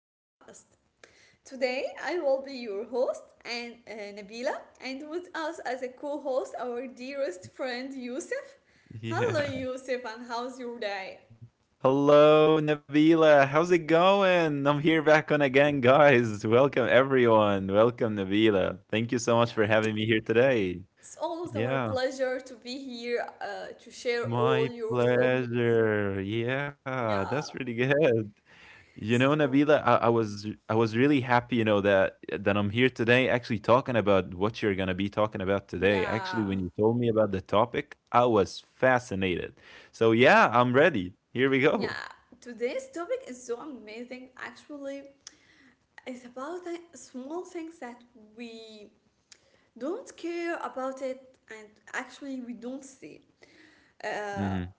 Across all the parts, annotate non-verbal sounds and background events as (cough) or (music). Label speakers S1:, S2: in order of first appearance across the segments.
S1: podcast. Today, I will be your host, and Nabila, and with us as a co-host, our dearest friend Yusuf.
S2: (laughs)
S1: Hello,
S2: Yeah.
S1: Yusuf, and how's your day?
S2: Hello, Nabila. How's it going? I'm here back on again, guys. Welcome, everyone. Welcome, Nabila. Thank you so
S1: Yeah,
S2: much for having me here today.
S1: it's always our
S2: Yeah,
S1: pleasure to be here to share all
S2: my
S1: your thoughts.
S2: pleasure. Yeah, that's
S1: Yeah.
S2: really good. You know,
S1: So,
S2: Nabila, I was really happy that I'm here today actually talking about what you're gonna be talking about today. Actually, when
S1: yeah.
S2: you told me about the topic, I was fascinated. So yeah, I'm ready. Here we
S1: Yeah.
S2: go.
S1: Today's topic is so amazing, actually. It's about the small things that we don't care about it and actually we don't see. Uh,
S2: Hmm.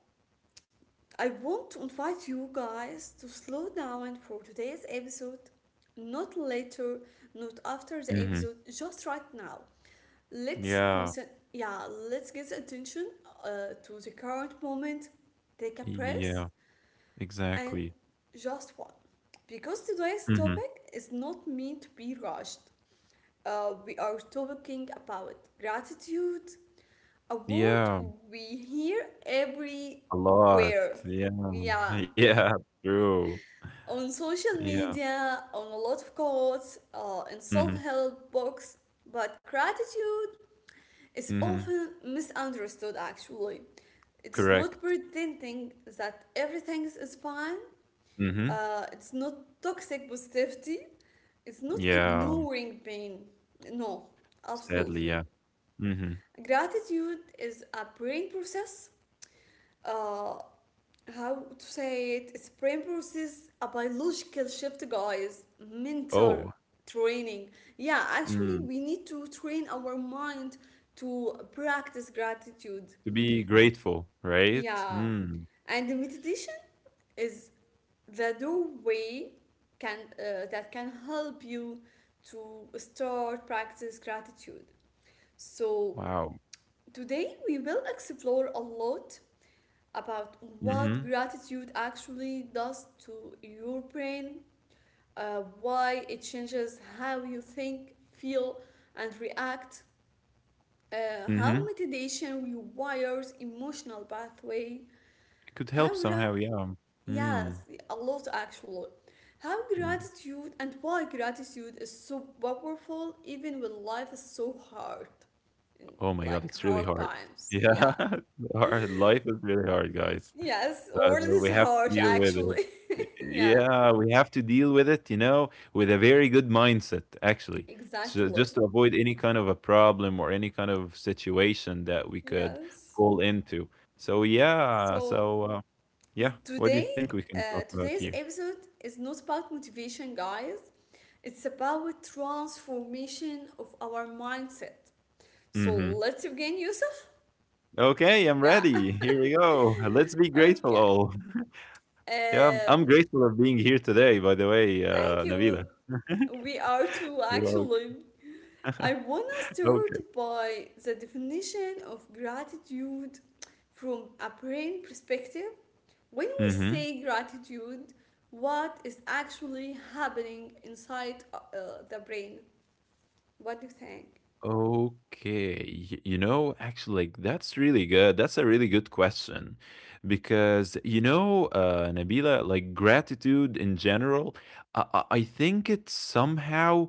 S1: I want to invite you guys to slow down for today's episode, not later, not after the episode, just right now. Let's
S2: Yeah.
S1: concent. Yeah, let's get attention to the current moment. Take a breath
S2: Yeah,
S1: and
S2: exactly.
S1: just one. Because today's
S2: Mhm.
S1: topic is not meant to be rushed. We are talking about gratitude, a word
S2: Yeah,
S1: we hear everywhere.
S2: a lot. Yeah, (laughs)
S1: Yeah,
S2: yeah, true.
S1: on social
S2: Yeah.
S1: media, on a lot of quotes, in self
S2: Mhm,
S1: help books. But gratitude is
S2: mhm,
S1: often misunderstood actually. It is not
S2: correct.
S1: pretending that everything is fine,
S2: Mhm.
S1: it's not toxic positivity, it's not
S2: Yeah,
S1: ignoring pain. No,
S2: sadly,
S1: absolutely.
S2: yeah. Mhm.
S1: Gratitude is a brain process. Uh, how to say it? It's a brain process, a biological shift, guys. Mental
S2: Oh,
S1: training. Yeah, actually,
S2: mm,
S1: we need to train our mind to practice gratitude.
S2: to be grateful, right?
S1: Yeah,
S2: Mm,
S1: and the meditation is the doorway can that can help you to start practice gratitude. So
S2: wow.
S1: today we will explore a lot about what
S2: Mhm,
S1: gratitude actually does to your brain, why it changes how you think, feel, and react, how
S2: mhm.
S1: meditation rewires emotional pathway,
S2: It could help
S1: how
S2: somehow,
S1: gra-
S2: yeah. Mm,
S1: yes, a lot actually, how
S2: mm.
S1: gratitude and why gratitude is so powerful even when life is so hard,
S2: Oh my god,
S1: like
S2: it's really
S1: hard
S2: hard.
S1: times.
S2: Yeah,
S1: Yeah.
S2: (laughs) hard life is really hard, guys.
S1: Yes,
S2: So
S1: world
S2: so
S1: is
S2: we have to
S1: harsh
S2: deal with it.
S1: actually.
S2: Y-
S1: (laughs) Yeah.
S2: Yeah, we have to deal with it, you know, with a very good mindset, actually. So
S1: Exactly.
S2: just to avoid any kind of a problem or any kind of situation that we could
S1: Yes.
S2: fall into. So yeah,
S1: So
S2: yeah, what do you
S1: today,
S2: think we can talk about here?
S1: today's episode is not about motivation, guys. It's about transformation of our mindset. So
S2: Hmm.
S1: let's begin, Yusuf.
S2: Okay, I'm
S1: Yeah. (laughs)
S2: ready. Here we go. Let's be grateful
S1: Okay.
S2: all. Yeah,
S1: Uh,
S2: I'm grateful of being here today, by the way,
S1: thank you.
S2: Nabila. (laughs)
S1: We are too,
S2: You're welcome.
S1: actually. I want to
S2: Okay.
S1: start by the definition of gratitude from a brain perspective. When we
S2: Hmm.
S1: say gratitude, what is actually happening inside the brain? What do you think?
S2: Okay, you know, actually, like, that's really good. That's a really good question because, you know, Nabila, like gratitude in general, I think it somehow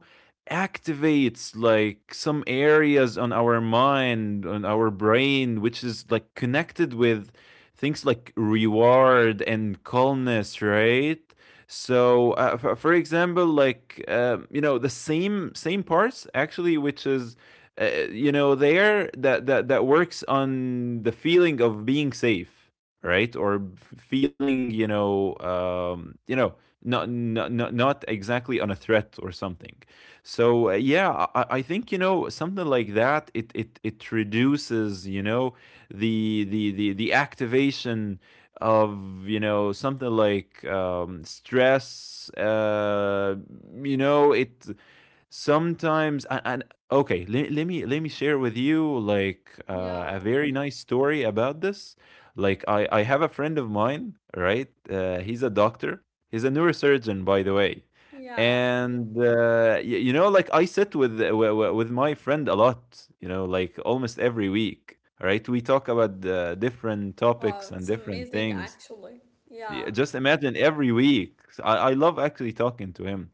S2: activates like some areas on our mind, on our brain, which is like connected with things like reward and calmness, right? So, for example, like, you know, the same parts actually, which is you know there that that works on the feeling of being safe right or feeling you know not exactly on a threat or something so yeah I think you know something like that it reduces you know the activation of you know something like stress you know it sometimes and okay, let me share with you like a
S1: Yeah,
S2: very nice story about this. Like I have a friend of mine, right? He's a doctor. He's a neurosurgeon, by the way.
S1: yeah.
S2: And you know, like I sit with my friend a lot. You know, like almost every week, right? We talk about different
S1: Wow,
S2: topics and
S1: it's
S2: different
S1: amazing,
S2: things.
S1: actually.
S2: Yeah,
S1: Yeah,
S2: just imagine every week. I love actually talking to him.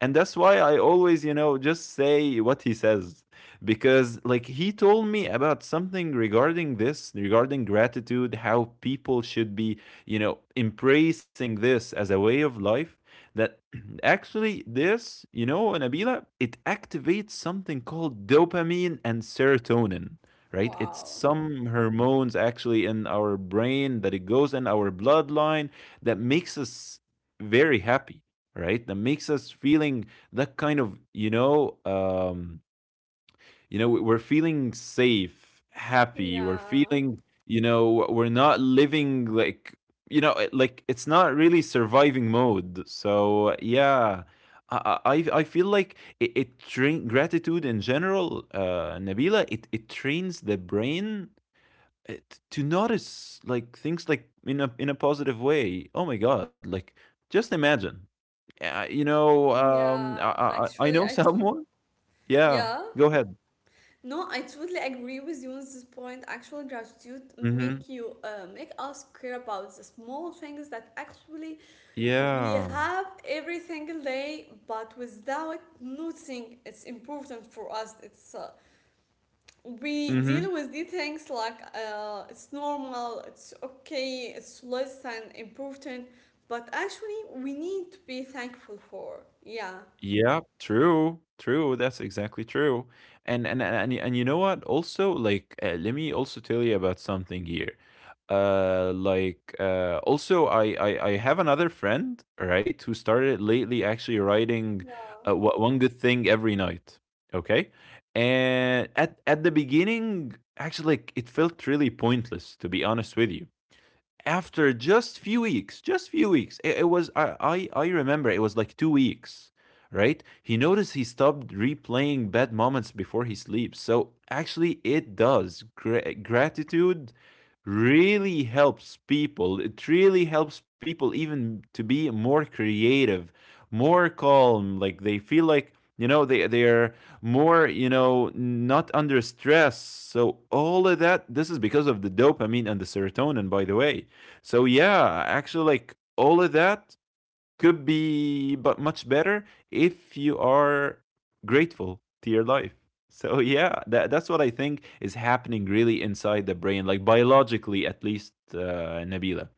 S2: And that's why I always, you know, just say what he says. Because, like, he told me about something regarding this, regarding gratitude, how people should be, you know, embracing this as a way of life. That (clears throat) actually, this, you know, Nabila, it activates something called dopamine and serotonin, right? It's
S1: wow.
S2: some hormones actually in our brain that it goes in our bloodline that makes us very happy, right, that makes us feeling that kind of you know we're feeling safe happy we're
S1: Yeah,
S2: feeling you know we're not living like you know like it's not really surviving mode so yeah i I feel like it train gratitude in general Nabila, it trains the brain, to notice like things like in a positive way. Oh my god! Like just imagine, you know,
S1: yeah.
S2: I
S1: Actually,
S2: know (laughs) someone. Yeah,
S1: yeah.
S2: go ahead.
S1: No, I totally agree with you on this point. Actual gratitude
S2: Mm-hmm.
S1: make you make us care about the small things that actually we
S2: Yeah.
S1: have every single day, but without noticing, it's important for us. It's we
S2: Mm-hmm.
S1: deal with these things like it's normal, it's okay, it's less than important, but actually we need to be thankful for. Yeah.
S2: Yeah, true, true. That's exactly true. And you know what? Also, like, let me also tell you about something here. Like, also, I have another friend, right, who started lately actually writing,
S1: Yeah.
S2: one good thing every night. Okay, and at the beginning, actually, like, it felt really pointless, to be honest with you after just few weeks, just few weeks. It was I remember it was like 2 weeks, right? He noticed he stopped replaying bad moments before he sleeps. So actually, it does. Gratitude really helps people. It really helps people even to be more creative, more calm. Like they feel like you know they're more you know not under stress so all of that this is because of the dopamine and the serotonin by the way so yeah, actually, like all of that could be but much better if you are grateful to your life. (laughs) So yeah, that's what I think is happening really inside the brain, like biologically at least, Nabila,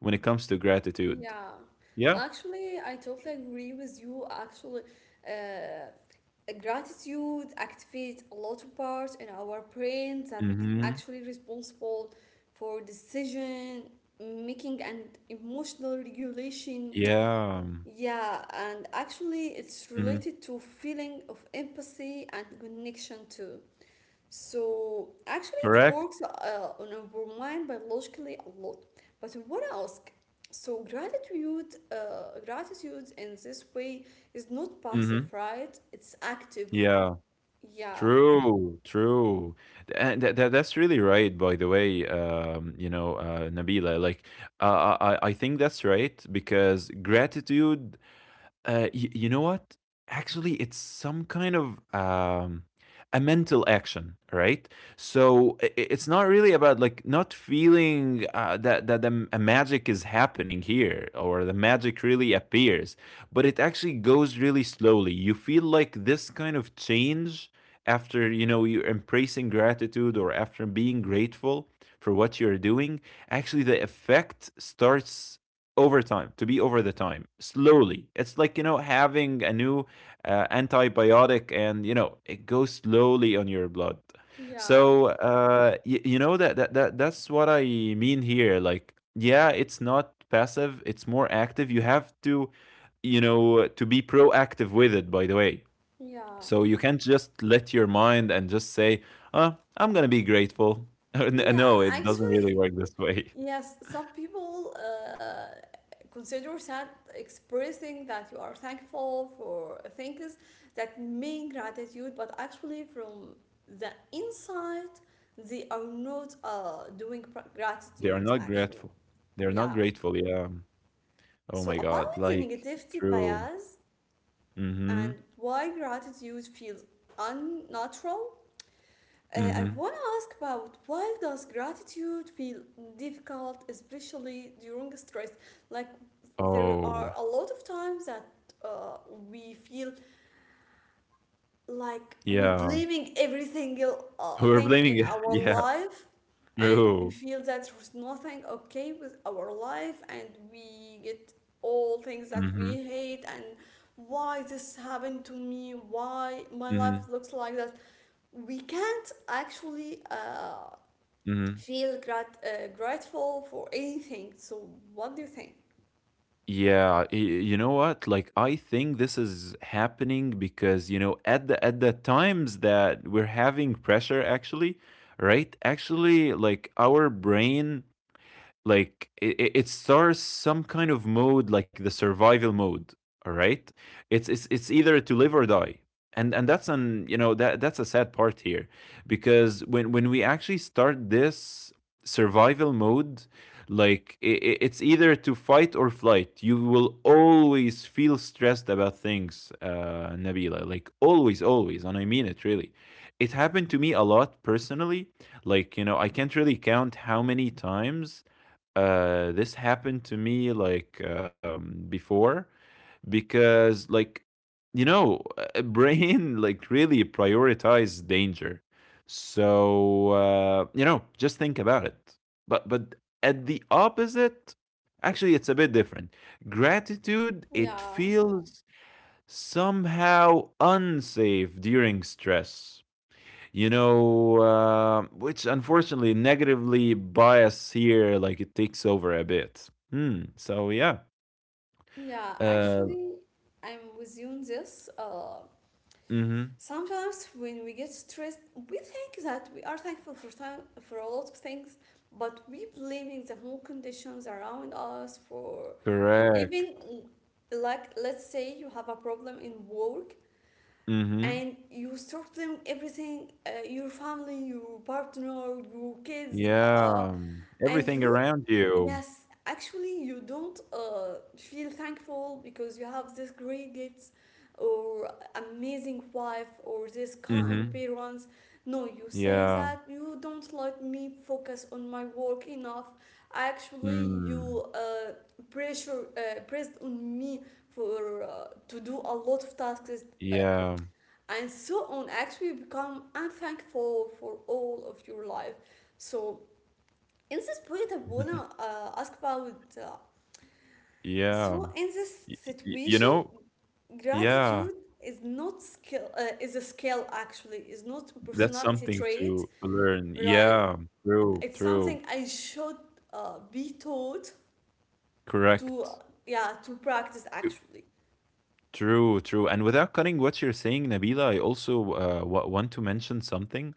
S2: when it comes to gratitude.
S1: Yeah,
S2: Yeah.
S1: actually, I totally agree with you. Actually, uh, gratitude activates a lot of parts in our brain that
S2: Mm-hmm.
S1: actually responsible for decision making and emotional regulation.
S2: Yeah.
S1: Yeah, and actually, it's
S2: Mm-hmm.
S1: related to feeling of empathy and connection too. So actually, it
S2: Correct.
S1: works on our mind biologically a lot. But I want to ask, so gratitude, gratitude in this way is not passive,
S2: Mm-hmm.
S1: right? It's active.
S2: Yeah.
S1: Yeah,
S2: True, true. And that's really right, by the way, you know, Nabila. Like, I think that's right because gratitude you know what? Actually, it's some kind of a mental action, right? So it's not really about like not feeling that that the, a magic is happening here or the magic really appears, but it actually goes really slowly. You feel like this kind of change after you know you're embracing gratitude or after being grateful for what you're doing actually the effect starts overtime to be over the time slowly, it's like you know having a new antibiotic and you know it goes slowly on your blood
S1: yeah,
S2: so you know that's what I mean here, like yeah, it's not passive, it's more active. You have to you know to be proactive with it, by the way,
S1: yeah,
S2: so you can't just let your mind and just say uh I'm gonna be grateful. (laughs)
S1: yeah.
S2: No, it doesn't really
S1: Actually,
S2: work this way.
S1: yes, some people consider that expressing that you are thankful for things that mean gratitude, but actually, from the inside, they are not doing
S2: They are
S1: gratitude
S2: not
S1: actually.
S2: grateful. They're not
S1: Yeah.
S2: grateful. Yeah.
S1: So,
S2: Oh my
S1: about the
S2: God. Like,
S1: negativity
S2: true.
S1: bias and
S2: Mm-hmm.
S1: why gratitude feels unnatural, I
S2: Mm-hmm.
S1: want to ask about why does gratitude feel difficult, especially during stress? Like there
S2: Oh,
S1: are a lot of times that uh, we feel like we're
S2: yeah.
S1: blaming every single
S2: We're
S1: thing
S2: blaming
S1: in
S2: it. (laughs)
S1: our
S2: Yeah,
S1: life and we
S2: true.
S1: feel that there's nothing okay with our life and we get all things that
S2: Mm-hmm.
S1: we hate and why this happened to me, why my
S2: Mm-hmm.
S1: life looks like that, we can't actually
S2: Mm-hmm.
S1: feel grateful for anything. So what do you think?
S2: Yeah, you know what? Like, I think this is happening because, you know, at the times that we're having pressure, actually, right? Actually, like our brain like it starts some kind of mode like the survival mode, all right? It's either to live or die. And that's an you know that's a sad part here because when we actually start this survival mode like it's either to fight or flight. You will always feel stressed about things Nabila, like always and I mean it really. It happened to me a lot personally, like you know I can't really count how many times this happened to me like before because like you know (laughs) brain like really prioritize danger so you know just think about it but at the opposite actually it's a bit different. Gratitude it
S1: Yeah,
S2: feels somehow unsafe during stress you know, which unfortunately negatively bias here, like it takes over a bit. Hmm. So yeah.
S1: yeah,
S2: Uh.
S1: actually I'm with you on this
S2: Mm-hmm.
S1: sometimes when we get stressed, we think that we are thankful for time, for a lot of things, but we blaming the whole conditions around us for
S2: Correct.
S1: even, like, let's say you have a problem in work
S2: Mm-hmm.
S1: and you start them everything, your family, your partner, your kids,
S2: Yeah.
S1: and
S2: Everything
S1: you,
S2: around you.
S1: yes actually you don't feel thankful because you have this great gifts or amazing wife or this kind
S2: Mm-hmm.
S1: parents. No, you say
S2: Yeah.
S1: that you don't let me focus on my work enough, actually
S2: Mm.
S1: you pressure pressed on me for to do a lot of tasks, uh,
S2: Yeah.
S1: and so on. Actually you become unthankful for all of your life. So in this point I wanna
S2: (laughs)
S1: ask about, uh,
S2: Yeah.
S1: so in this
S2: Y- you
S1: situation
S2: know.
S1: gratitude
S2: Yeah.
S1: is not skill, is a skill actually, is not a
S2: That's
S1: personality
S2: something
S1: trait,
S2: to learn.
S1: right?
S2: Yeah. True.
S1: It's
S2: True.
S1: something I should be taught to,
S2: Correct.
S1: yeah, to practice actually.
S2: True, true. And without cutting what you're saying, Nabila, I also want to mention something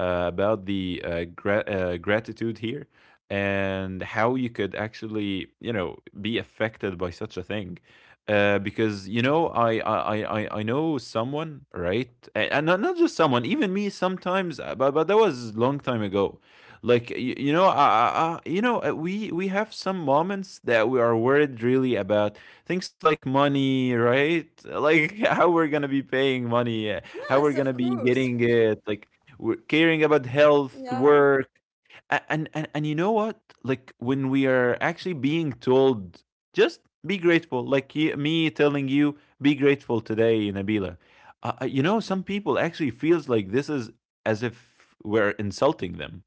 S2: about the gratitude here and how you could actually, you know, be affected by such a thing. Because you know, I know someone, right? And not just someone, even me sometimes. But that was long time ago. Like you know, you know, we have some moments that we are worried really about things like money right like (laughs) how we're gonna be paying money how
S1: Yes,
S2: we're
S1: of
S2: gonna be
S1: course
S2: getting
S1: we.
S2: it like we're caring about health
S1: Yeah.
S2: work. And you know what like when we are actually being told just be grateful like me telling you be grateful today Nabila you know some people actually feels like this is as if we're insulting them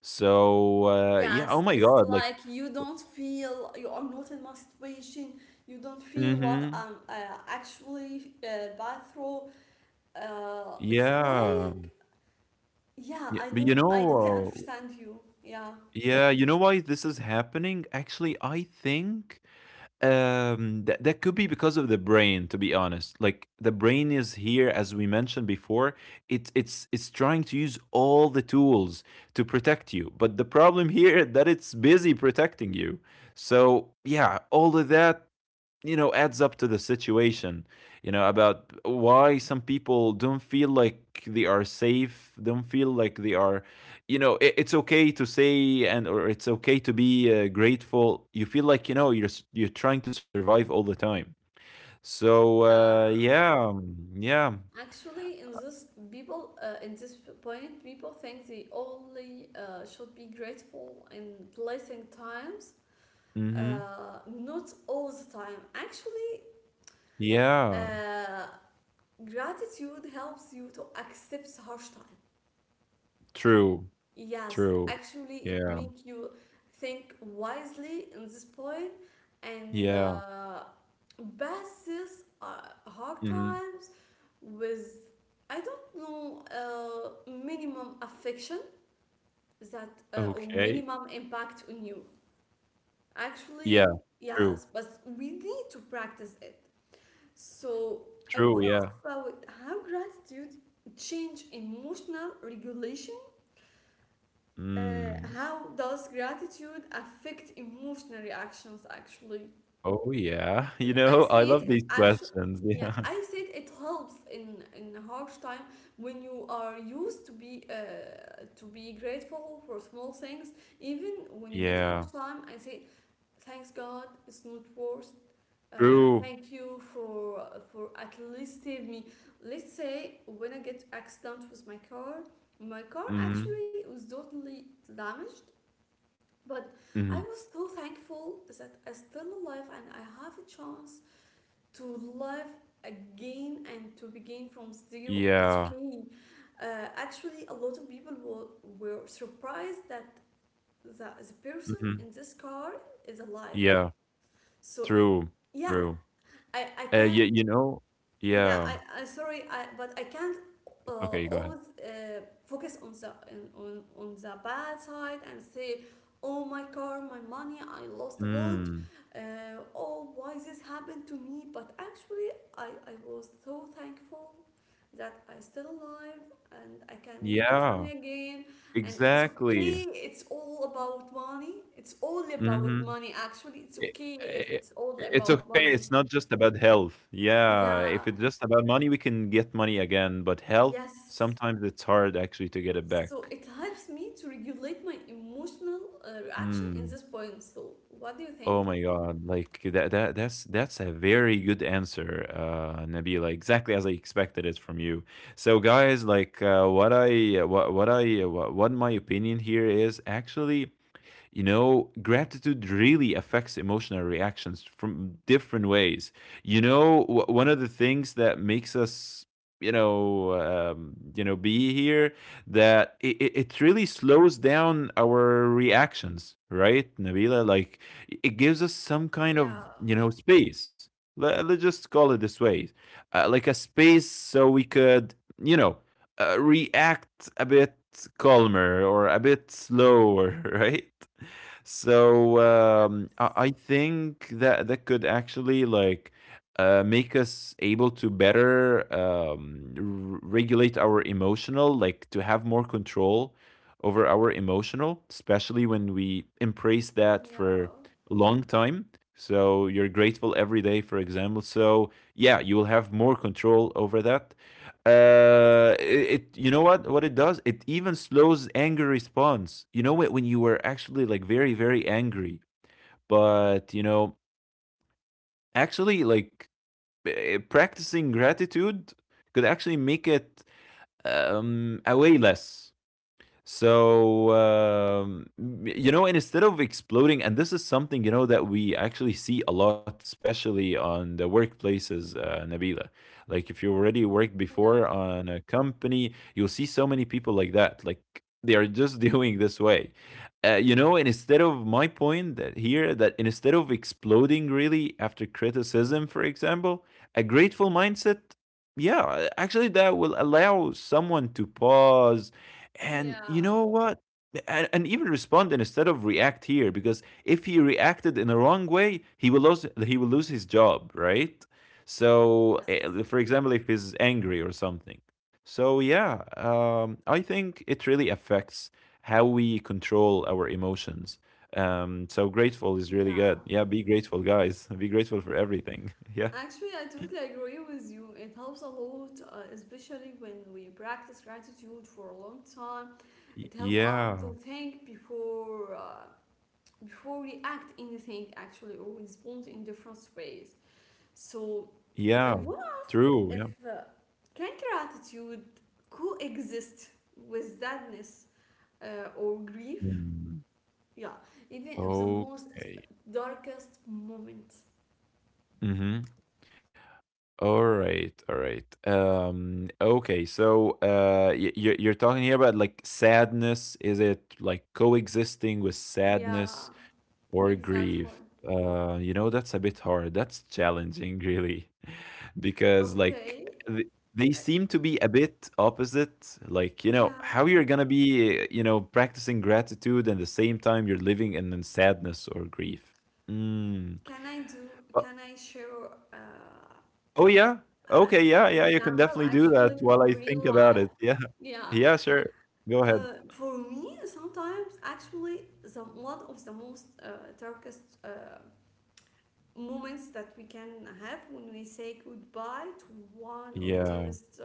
S2: so yeah
S1: Yes,
S2: oh my
S1: it's
S2: god like
S1: like you don't feel, you are not in my situation. You don't feel
S2: mm-hmm.
S1: what I'm actually bad through. It's
S2: Yeah,
S1: like, yeah,
S2: yeah,
S1: I
S2: but you
S1: don't, I totally
S2: know,
S1: understand you. Yeah,
S2: yeah, you know why this is happening? Actually, I think that that could be because of the brain, to be honest. Like the brain is here, as we mentioned before, it's trying to use all the tools to protect you. But the problem here that it's busy protecting you. So yeah, all of that you know adds up to the situation you know about why some people don't feel like they are safe, don't feel like they are you know it's okay to say and or it's okay to be grateful. You feel like you know you're trying to survive all the time so yeah yeah
S1: actually, in this people in this point, people think they only should be grateful in blessing times.
S2: mm-hmm
S1: Not all the time. Actually,
S2: yeah
S1: uh, gratitude helps you to accept harsh time.
S2: true
S1: Yes,
S2: true
S1: actually, it
S2: yeah
S1: makes you think wisely in this point and
S2: yeah
S1: passes hard
S2: mm-hmm.
S1: times with, I don't know, minimum affection that or
S2: Okay,
S1: minimum impact on you. Actually,
S2: yeah, true,
S1: yes, but we need to practice it. So I would
S2: true,
S1: ask
S2: yeah,
S1: about how gratitude change emotional regulation.
S2: mm.
S1: How does gratitude affect emotional reactions? Actually,
S2: Oh, yeah. (laughs) You
S1: I
S2: know, I
S1: said
S2: love these
S1: actually.
S2: questions. (laughs)
S1: Yeah,
S2: Yeah.
S1: I said it helps in harsh time when you are used to be grateful for small things. Even when you get harsh
S2: Yeah.
S1: time, I say thanks God, it's not worse.
S2: True.
S1: Thank you for at least save me. Let's say when I get accident with my car
S2: Mhm.
S1: actually was totally damaged, but I
S2: Mhm.
S1: was so thankful that I still alive and I have a chance to live again and to begin from zero. It's
S2: Yeah.
S1: okay. Actually, a lot of people were surprised that the person in
S2: Mhm.
S1: this car is alive.
S2: Yeah.
S1: So
S2: True.
S1: yeah,
S2: True.
S1: I
S2: You,
S1: can,
S2: you know,
S1: yeah,
S2: yeah.
S1: I sorry but I can't
S2: Okay, go
S1: always
S2: ahead.
S1: focus on the on the bad side and say, oh my car, my money, I lost a lot,
S2: Mm.
S1: uh, oh, why this happened to me? But actually I was so thankful that I still alive and I can meet my family
S2: Yeah.
S1: again, and it's
S2: Exactly.
S1: okay, it's all about money, it's all about
S2: Mhm.
S1: money, actually it's okay if it's all
S2: It's
S1: about
S2: okay.
S1: money.
S2: It's not just about health. Yeah.
S1: Yeah.
S2: If it's just about money, we can get money again, but health,
S1: Yes.
S2: sometimes it's hard actually to get it
S1: So
S2: back.
S1: it helps me to regulate my emotional reaction in
S2: Mm.
S1: this point. So what do you
S2: Oh
S1: think?
S2: my god, like that's a very good answer, Nabila, exactly as I expected it from you. So guys, like what my opinion here is actually you know, gratitude really affects emotional reactions from different ways. You know, one of the things that makes us you know be here that it really slows down our reactions, right, Nabila? Like it gives us some kind of
S1: Yeah,
S2: you know space, let's just call it this way, like a space so we could you know react a bit calmer or a bit slower (laughs) right. So I think that that could actually like make us able to better regulate our emotional, like to have more control over our emotional, especially when we embrace that for
S1: yeah,
S2: a long time. So you're grateful every day, for example. So yeah, you will have more control over that. It you know what it does, it even slows anger response, you know, when you were actually like very angry, but you know actually like practicing gratitude could actually make it away less. So, you know, and instead of exploding, and this is something, you know, that we actually see a lot, especially on the workplaces, Nabila. Like, if you already worked before
S1: yeah,
S2: on a company, you'll see so many people like that. Like, they are just (laughs) doing this way. You know, and instead of my point that here, that instead of exploding really after criticism, for example, a grateful mindset, yeah, actually, that will allow someone to pause and you
S1: yeah.
S2: know what? And even respond instead of react here because if he reacted in the wrong way, he will lose his job, right? So,
S1: Yes,
S2: for example, if he's angry or something. So yeah, I think it really affects how we control our emotions. So grateful is really
S1: yeah.
S2: good. Yeah, be grateful, guys. (laughs) Be grateful for everything. (laughs) Yeah,
S1: Actually, I totally agree with you. It helps a lot, especially when we practice gratitude for a long time. It helps us to
S2: Yeah,
S1: think before before we act anything actually or respond in different ways. So I
S2: yeah.
S1: want to ask
S2: True. Yeah.
S1: if can gratitude coexist with sadness or grief?
S2: Mm.
S1: Yeah, even if the most
S2: Okay.
S1: darkest moment.
S2: Mm-hmm. All right, all right. Okay, so you're talking here about like sadness. Is it like coexisting with
S1: Yeah,
S2: sadness or
S1: exactly.
S2: grief? You know, that's a bit hard. That's challenging, really, (laughs) because like
S1: Okay.
S2: th- they
S1: Uh,
S2: seem to be a bit opposite. Like, you know,
S1: yeah.
S2: how you're gonna be, you know, practicing gratitude and the same time you're living in sadness or grief. Mm.
S1: Can I do? Can I share uh,
S2: Oh, yeah? Okay,
S1: an
S2: yeah, yeah, you can
S1: example
S2: definitely do
S1: actually
S2: that while
S1: from
S2: I
S1: real
S2: think about
S1: life?
S2: it, yeah.
S1: Yeah.
S2: Yeah, sure. Go ahead.
S1: For me, sometimes actually the one of the most darkest moments that we can have when we say goodbye to one of
S2: Yeah,
S1: dearest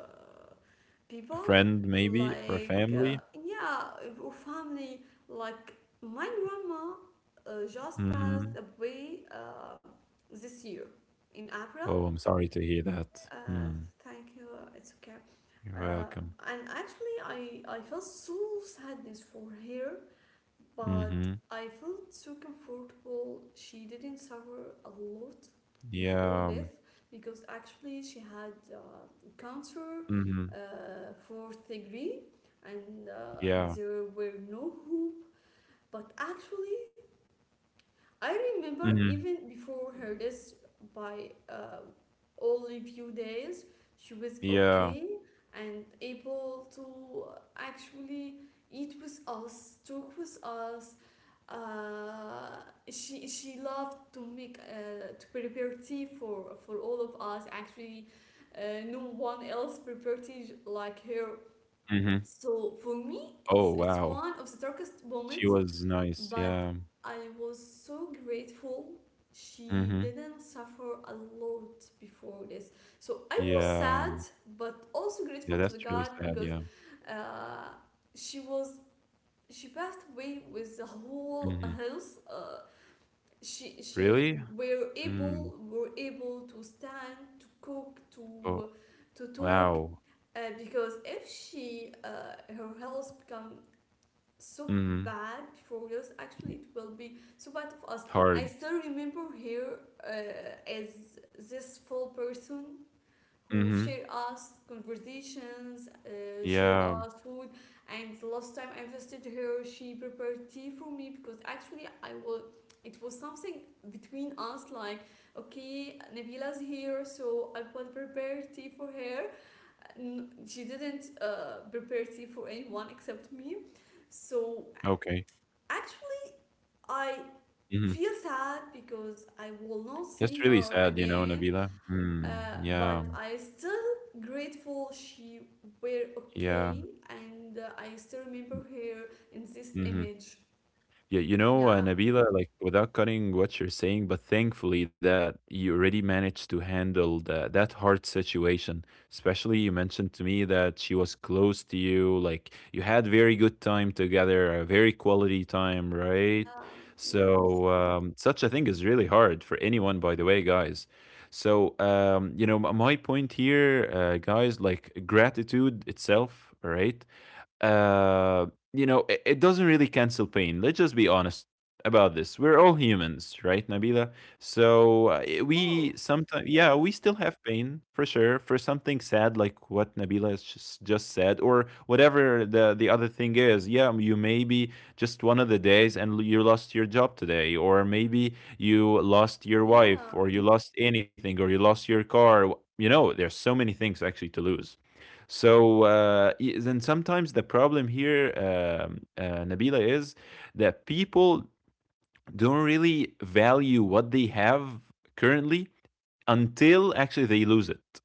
S2: a
S1: people,
S2: friend maybe or a
S1: like,
S2: family?
S1: yeah, or family, like my grandma just passed
S2: Mhm.
S1: away this year in
S2: Oh,
S1: April.
S2: I'm sorry to hear that.
S1: Uh,
S2: Mm,
S1: thank you. It's okay.
S2: you're
S1: Uh,
S2: welcome.
S1: and actually, I felt so sadness for her, but
S2: Mhm.
S1: I felt so comfortable. She didn't suffer a lot
S2: Yeah.
S1: before death because actually she had cancer,
S2: Mhm.
S1: fourth degree, and
S2: Yeah.
S1: there were no hope. But actually, I remember
S2: Mhm.
S1: even before her death, by only few days, she was
S2: Yeah.
S1: okay and able to actually eat with us, talk with us. Uh, she loved to make to prepare tea for all of us. Actually, no one else prepared tea like her.
S2: Mhm.
S1: So for me,
S2: Oh,
S1: it's
S2: wow.
S1: one of the darkest
S2: She
S1: moments,
S2: was nice,
S1: but
S2: yeah.
S1: I was so grateful she
S2: Mhm.
S1: didn't suffer a lot before this. So I was
S2: Yeah.
S1: sad, but also
S2: Yeah,
S1: grateful
S2: that's
S1: to the
S2: really
S1: God
S2: sad,
S1: because
S2: yeah.
S1: uh, she was, she passed away with the whole
S2: Mhm.
S1: health. She
S2: Really?
S1: were
S2: Mm.
S1: able, were able to stand, to cook,
S2: Oh,
S1: to talk
S2: wow.
S1: because if she her health become so
S2: Mhm.
S1: bad for us, actually it will be so bad for us. I
S2: Hard.
S1: still remember her as this full person who share
S2: Mhm.
S1: us conversations, share
S2: Yeah.
S1: us food. And the last time I visited her, she prepared tea for me because actually I will, it was something between us like, okay, Nabila's here, so I will prepare tea for her. She didn't prepare tea for anyone except me. So
S2: Okay.
S1: actually, I
S2: Mhm.
S1: feel sad because I will not
S2: That's
S1: see
S2: really
S1: her
S2: sad, you know, Nabila.
S1: again,
S2: Mm. Yeah.
S1: but I still grateful she were
S2: Yeah.
S1: okay, and I still remember her in this
S2: Mhm.
S1: image.
S2: Yeah, you know,
S1: Yeah,
S2: Nabila, like without cutting what you're saying, but thankfully that you already managed to handle that hard situation. Especially you mentioned to me that she was close to you, like you had very good time together, a very quality time, right?
S1: yeah, yes,
S2: So such a thing is really hard for anyone, by the way, guys. So you know, my point here, guys, like gratitude itself, right? uh, you know, it doesn't really cancel pain. Let's just be honest about this. We're all humans, right, Nabila? So
S1: of
S2: we
S1: course,
S2: sometimes,
S1: of
S2: yeah,
S1: course.
S2: we still have pain for sure for something sad like what Nabila has just said, or whatever the other thing is. Yeah, you maybe just one of the days and you lost your job today, or maybe you lost your wife, or
S1: Yeah,
S2: you lost anything, or you lost your car. You know, there's so many things actually to lose. So then sometimes the problem here, Nabila, is that people don't really value what they have currently until actually they lose it.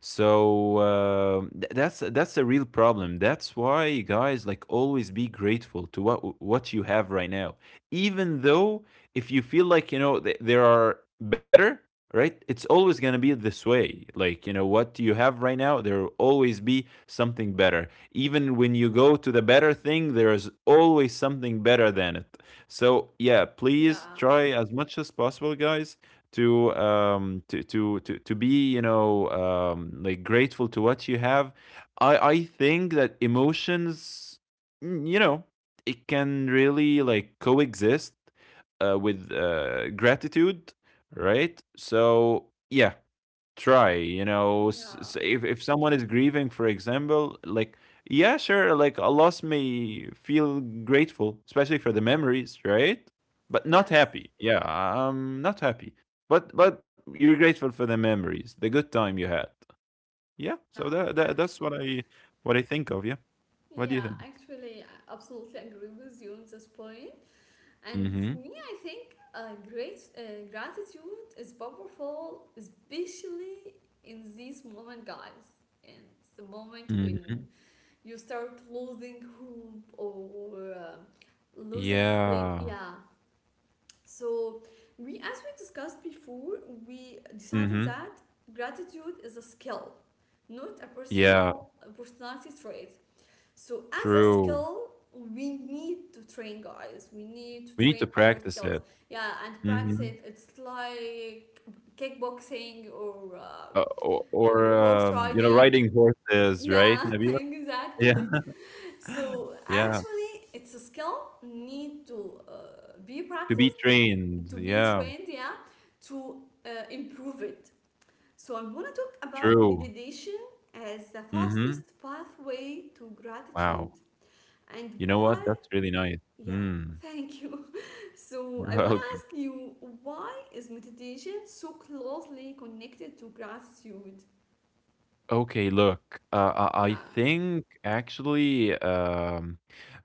S2: So that's a real problem. That's why guys like always be grateful to what you have right now. Even though if you feel like you know there are better, right? It's always gonna be this way. Like you know what you have right now, there will always be something better. Even when you go to the better thing, there is always something better than it. So yeah, please
S1: yeah,
S2: try as much as possible, guys, to to be you know like grateful to what you have. I think that emotions you know it can really like coexist with gratitude, right? So yeah, try you know
S1: yeah,
S2: if someone is grieving for example, like yeah, sure, like a loss may feel grateful especially for the memories, right? But not
S1: yes,
S2: happy, yeah, I'm not happy, but you're grateful for the memories, the good time you had. Yeah, so
S1: yeah.
S2: that that's
S1: Actually,
S2: what I think of, yeah. What do you
S1: yeah,
S2: think?
S1: actually, I absolutely agree with you on this point. And for
S2: Mm-hmm.
S1: me, I think great gratitude is powerful, especially in this moment, guys. In the moment when
S2: Mm-hmm.
S1: you start losing hope or losing play,
S2: Yeah.
S1: yeah. So we, as we discussed before, we
S2: Mm-hmm.
S1: decided that gratitude is a skill, not a
S2: Yeah.
S1: personal a personality trait. So as a
S2: True.
S1: skill, we need to train, guys. We need to
S2: We need to
S1: train our
S2: practice
S1: skills.
S2: it.
S1: Yeah, and practice
S2: Mm-hmm.
S1: it. It's like kickboxing or
S2: O
S1: uh,
S2: or,
S1: or horse
S2: you know,
S1: riding.
S2: riding horses, right,
S1: Yeah, (laughs)
S2: Nabila? Yeah.
S1: exactly.
S2: (laughs)
S1: So
S2: Yeah,
S1: actually, it's a skill need to be
S2: to be
S1: practiced,
S2: trained.
S1: to be
S2: Yeah,
S1: trained. Yeah, to improve it. So I'm gonna talk about
S2: true.
S1: meditation as the
S2: Mhm.
S1: fastest pathway to
S2: Wow.
S1: gratitude, and
S2: You know
S1: why.
S2: what? That's really nice.
S1: Yeah,
S2: Mm.
S1: thank you. (laughs)
S2: (laughs)
S1: So,
S2: You're
S1: I want to
S2: welcome.
S1: ask you, why is meditation so closely connected to gratitude?
S2: Okay, look, I
S1: Yeah,
S2: think actually,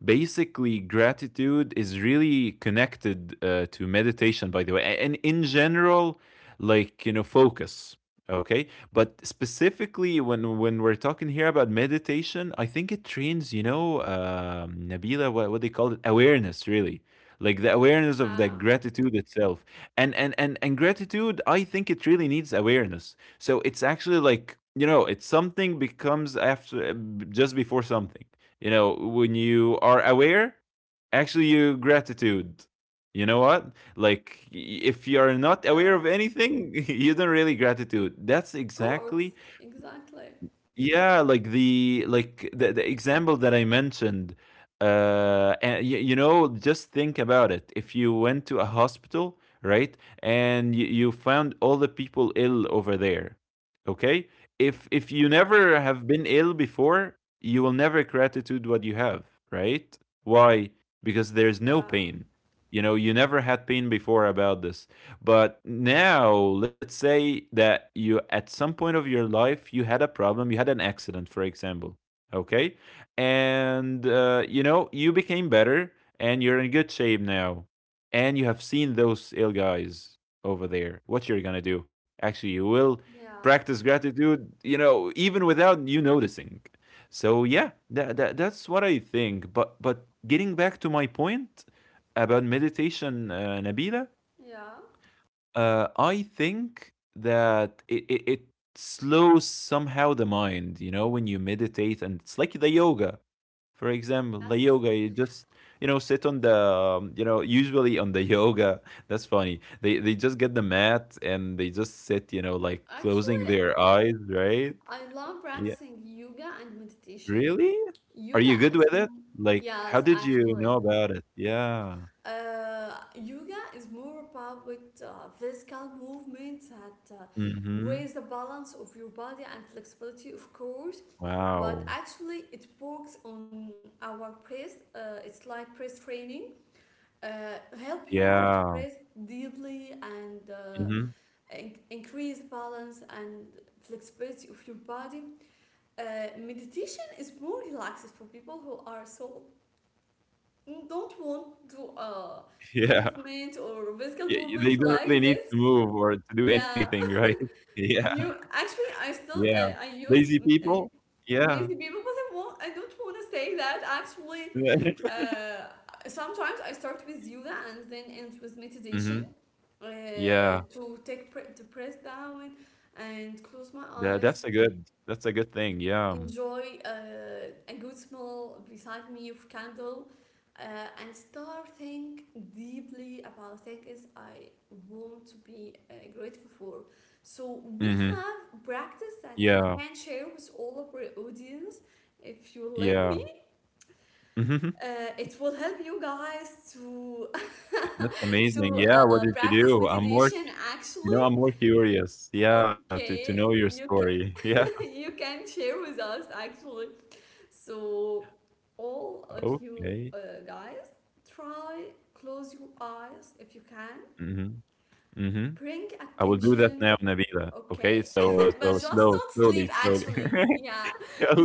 S2: basically, gratitude is really connected to meditation, by the way, and in general, like, you know, focus. Okay, but specifically when we're talking here about meditation, I think it trains, you know, Nabila, what they call it, awareness, really, like the awareness of the
S1: yeah,
S2: gratitude itself, and gratitude, I think it really needs awareness, so it's actually like, you know, it's something becomes after just before something. You know, when you are aware, actually you gratitude. You know what? Like if you are not aware of
S1: yeah.
S2: anything, (laughs) you don't really gratitude. That's
S1: Of course,
S2: exactly
S1: exactly.
S2: yeah, like the example that I mentioned, and you know, just think about it. If you went to a hospital, right, and you found all the people ill over there, okay? If you never have been ill before, you will never gratitude what you have, right? Why? Because there's no
S1: Yeah,
S2: pain. You know, you never had pain before about this. But now, let's say that you, at some point of your life, you had a problem, you had an accident, for example, okay? And, you know, you became better and you're in good shape now. And you have seen those ill guys over there. What you're gonna do? Actually, you will
S1: yeah,
S2: practice gratitude, you know, even without you noticing. So yeah, that that's what I think. But getting back to my point about meditation, Nabila,
S1: yeah.
S2: I think that it slows somehow the mind, you know, when you meditate, and it's like the yoga. For example, the
S1: Yes,
S2: yoga, you just, you know, sit on the, you know, usually on the yoga, (laughs) that's funny. They just get the mat and they just sit, you know, like closing
S1: actually,
S2: their eyes, right?
S1: I love
S2: Yeah.
S1: practicing yoga and meditation.
S2: Really? Are
S1: Yoga,
S2: you good
S1: it's,
S2: with it? Like, how
S1: yes,
S2: did you know
S1: actually.
S2: about it? Yeah.
S1: Yoga is more about with physical movements that
S2: Mm-hmm.
S1: raise the balance of your body and flexibility, of course. But
S2: Wow.
S1: actually, it works on our press. It's like press training. Help you to
S2: Yeah.
S1: press deeply and
S2: Mm-hmm.
S1: increase balance and flexibility of your body. Meditation is more relaxed for people who are so don't want to
S2: (laughs) Yeah.
S1: movement or physical
S2: Y they
S1: movement
S2: don't really
S1: like
S2: need to
S1: this.
S2: move or to do anything,
S1: Yeah,
S2: right? (laughs) Yeah,
S1: you actually, I
S2: yeah.
S1: still I
S2: Lazy
S1: use
S2: people? Yeah.
S1: lazy people, but I don't want to say that. Actually,
S2: Yeah. (laughs)
S1: uh sometimes I start with yoga and then end with meditation,
S2: Mhm. Yeah.
S1: to take the press down and close my eyes,
S2: That's a good thing, yeah.
S1: enjoy a good smell beside me of candle, uh, and start think deeply about things I want to be grateful for. So we
S2: Mhm.
S1: have practice that we
S2: Yeah,
S1: can share with all of our audience. If you like
S2: yeah.
S1: me,
S2: Hmm.
S1: it will help you guys to
S2: That's
S1: (laughs) to
S2: amazing, yeah, what did you
S1: practice
S2: do? I'm more
S1: meditation.
S2: you know,
S1: Actually,
S2: I'm more curious, yeah, to know
S1: okay,
S2: your
S1: you can
S2: story. (laughs) Yeah,
S1: (laughs) you can share with us, actually. So, all of you
S2: okay.
S1: guys, try close your eyes if you can.
S2: Mhm, mhm.
S1: Bring
S2: I will do that
S1: attention.
S2: now, Nabila, okay?
S1: Okay,
S2: So,
S1: (laughs) but
S2: so
S1: just
S2: slow
S1: don't
S2: slowly,
S1: sleep.
S2: slowly.
S1: Actually,
S2: (laughs)
S1: yeah,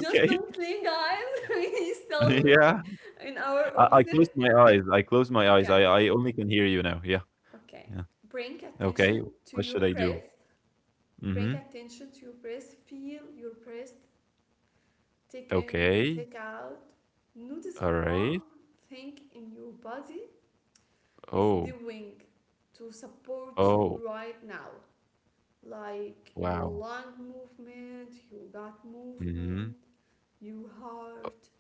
S1: just don't sleep, guys. (laughs) We
S2: (laughs)
S1: still
S2: Yeah.
S1: like, in our
S2: I closed
S1: opposite.
S2: my eyes. I closed my eyes.
S1: Okay,
S2: I only can hear you now. Yeah.
S1: okay.
S2: Yeah.
S1: Bring
S2: Okay.
S1: attention to
S2: What
S1: your
S2: should I do?
S1: breath. Bring
S2: Mhm.
S1: attention to your breath. Feel your breath. Take in and
S2: Okay.
S1: take out. Notice
S2: All right.
S1: one thing in your body is
S2: Oh.
S1: doing to support you
S2: Oh.
S1: right now, like your
S2: Wow.
S1: lung movement, your gut
S2: Mhm.
S1: movement, your heart,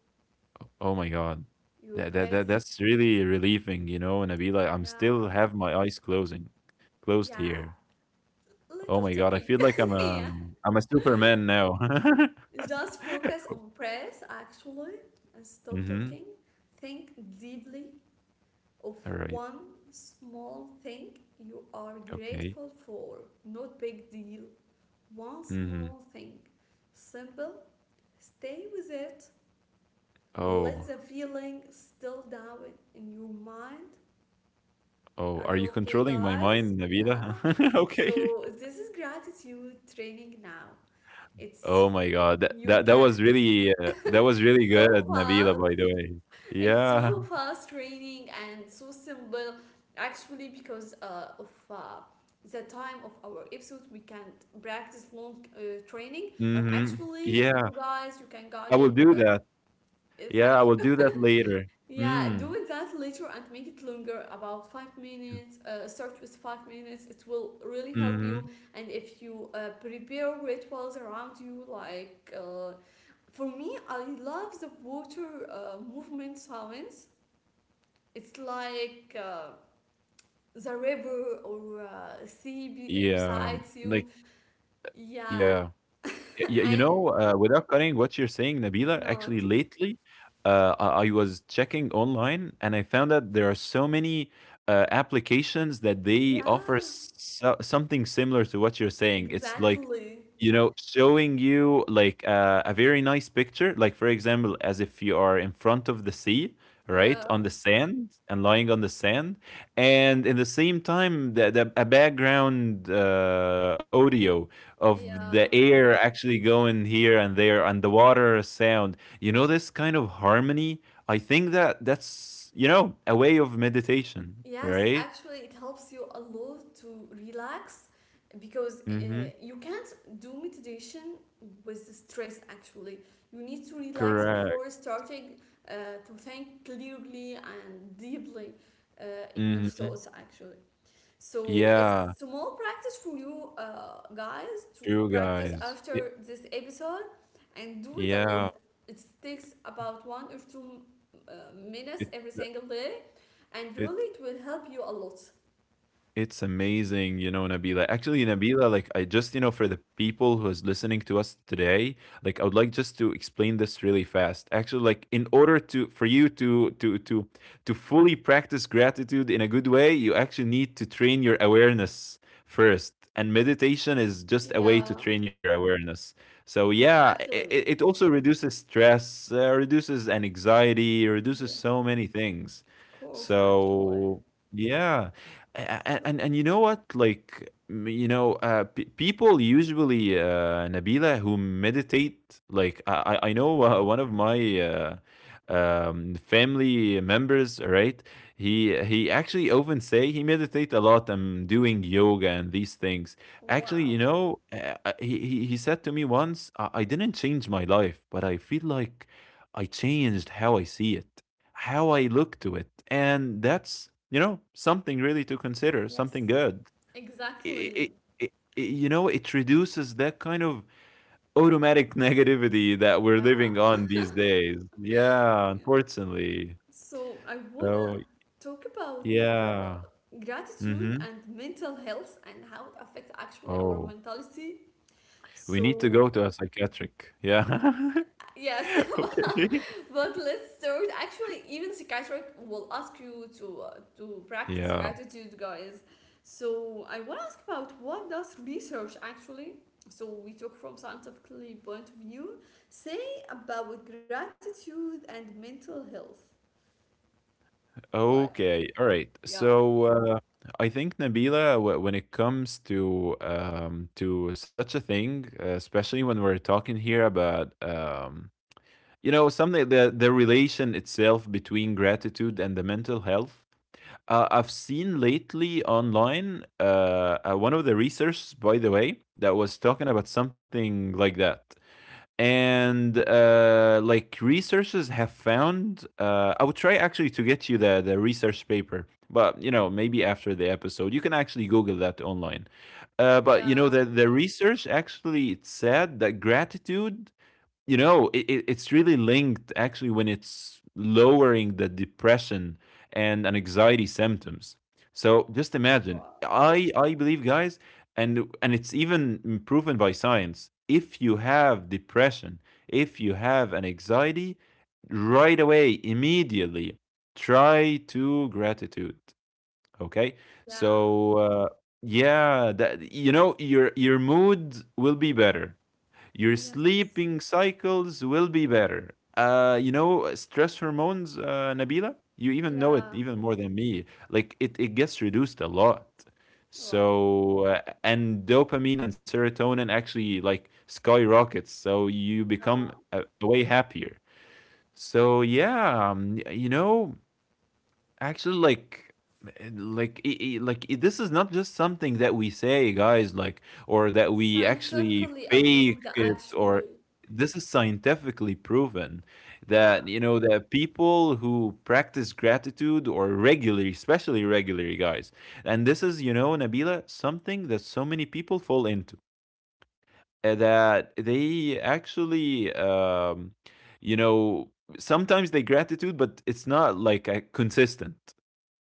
S2: O oh my god.
S1: your
S2: That that that
S1: breath.
S2: that's really relieving, you know, and I'm be like, I
S1: Yeah,
S2: still have my eyes closing closed
S1: yeah,
S2: here.
S1: little
S2: Oh my god. I
S1: talking.
S2: feel like
S1: (laughs) Yeah,
S2: I'm a Superman now. (laughs)
S1: just focus on breath, actually, and stop
S2: Mhm.
S1: talking. Think deeply of
S2: All right.
S1: one small thing you are
S2: Okay.
S1: grateful for. Not big deal. One
S2: Mhm.
S1: small thing. Simple. Stay with it.
S2: Oh.
S1: Let the feeling still down in your mind.
S2: Oh,
S1: Are
S2: are you
S1: you okay,
S2: controlling my
S1: guys?
S2: mind,
S1: Yeah.
S2: Nabila? (laughs) Okay.
S1: So this is gratitude training now.
S2: Oh
S1: It's,
S2: my God, that
S1: you
S2: that that
S1: can,
S2: was really that was really
S1: so
S2: good, Nabila, by
S1: fast.
S2: the way.
S1: It's
S2: Yeah.
S1: so fast training and so simple. Actually, because of the time of our episode, we can't practice long training. But
S2: Mm-hmm.
S1: actually,
S2: Yeah,
S1: you guys, you can
S2: I
S1: got
S2: will
S1: it.
S2: do that. Yeah, I
S1: Thank you.
S2: will do that later.
S1: Yeah,
S2: Mm.
S1: do that later and make it longer, about 5 minutes. Start with 5 minutes. It will really help you.
S2: Mm-hmm.
S1: And if you prepare rituals around you, like for me, I love the water movement sounds. It's like the river or sea
S2: Yeah.
S1: besides you.
S2: Like, yeah.
S1: Yeah, (laughs) and
S2: Without cutting what you're saying, Nabila,
S1: no,
S2: actually
S1: it's okay.
S2: lately, I was checking online, and I found that there are so many applications that they offer
S1: Yeah,
S2: so something similar to what you're saying. It's like,
S1: exactly.
S2: you know, showing you like a very nice picture, like for example, as if you are in front of the sea,
S1: Yeah,
S2: right, on the sand and lying on the sand, and in the same time, the a background audio of the
S1: yeah.
S2: air actually going here and there, and the water sound, you know, this kind of harmony. I think that that's a way of meditation,
S1: Yes,
S2: right?
S1: actually, it helps you a lot to relax because
S2: Mm-hmm.
S1: you can't do meditation with the stress. Actually, you need to relax
S2: Correct.
S1: before starting uh, to think clearly and deeply uh, in your
S2: Mm-hmm.
S1: thoughts. Actually, so it's
S2: Yeah,
S1: small practice for you guys to
S2: true,
S1: practice
S2: guys.
S1: after this episode and do it a
S2: Yeah
S1: lot. It takes about one or two minutes
S2: it
S1: every single day, and really
S2: it
S1: it will help you a lot.
S2: It's amazing, you know, Nabila. Actually, Nabila, like I just, you know, for the people who is listening to us today, like I would like just to explain this really fast. Actually, like in order to for you to fully practice gratitude in a good way, you actually need to train your awareness first. And meditation is just a way to
S1: Yeah,
S2: train your awareness. So yeah, it,
S1: exactly.
S2: it also reduces stress, reduces an anxiety, reduces
S1: Yeah,
S2: so many things.
S1: of course, actually.
S2: So yeah. and
S1: So,
S2: and, and you know what, like, you know, people usually, Nabila, who meditate, like I know, (laughs) one of my family members, right? He actually often say he meditate a lot and doing yoga and these things. Actually,
S1: wow.
S2: you know, he said to me once, I didn't change my life, but I feel like I changed how I see it, how I look to it. And that's, you know, something really to consider, something
S1: Yes,
S2: good.
S1: exactly.
S2: It, you know, it reduces that kind of automatic (laughs) negativity that we're living
S1: Yeah,
S2: on these days. Yeah,
S1: yeah.
S2: unfortunately.
S1: So I want
S2: So,
S1: talk about uh,
S2: yeah.
S1: gratitude
S2: Mm-hmm.
S1: and mental health and how it affects actually our
S2: Oh,
S1: mentality.
S2: we need to
S1: So,
S2: go to a psychiatric.
S1: yeah,
S2: Yeah. (laughs)
S1: yes,
S2: Okay. (laughs)
S1: (laughs) but let's start. Actually, even psychiatric will ask you to practice
S2: Yeah.
S1: gratitude, guys. So I want to ask, about what does research actually? So we talk from scientifically point of view. Say about gratitude and mental health, like,
S2: Okay, all right.
S1: yeah,
S2: So I think, Nabila, when it comes to such a thing, especially when we're talking here about, you know, something, the relation itself between gratitude and the mental health. I've seen lately online, one of the researchers, by the way, that was talking about something like that. And Like, researchers have found, I would try actually to get you the research paper, but you know, maybe after the episode you can actually google that online. But you know,
S1: yeah,
S2: the research actually, it said that gratitude, you know, it's really linked actually when it's lowering the depression and an anxiety symptoms. So just
S1: wow,
S2: imagine, I believe, guys, and it's even proven by science. If you have depression, if you have an anxiety, right away, immediately, try to gratitude. Okay,
S1: yeah.
S2: so yeah, that you know your mood will be better, your
S1: Yes.
S2: sleeping cycles will be better. You know, stress hormones, Nabila, you even know it
S1: Yeah.
S2: even more than me. Like, it gets reduced a lot.
S1: Wow.
S2: So, and dopamine and serotonin actually like skyrockets. So, you become
S1: Yeah.
S2: way happier. So, yeah, y- you know, Actually, like, eh, like, I like I this is not just something that we say, guys, like, or that
S1: It's
S2: we actually
S1: scientifically
S2: fake
S1: approved,
S2: it, or
S1: actually.
S2: this is scientifically proven
S1: Yeah.
S2: that, you know, that people who practice gratitude or regularly, especially regularly, guys, and this is, you know, Nabila, something that so many people fall into, that they actually, you know, sometimes they gratitude, but it's not like a consistent,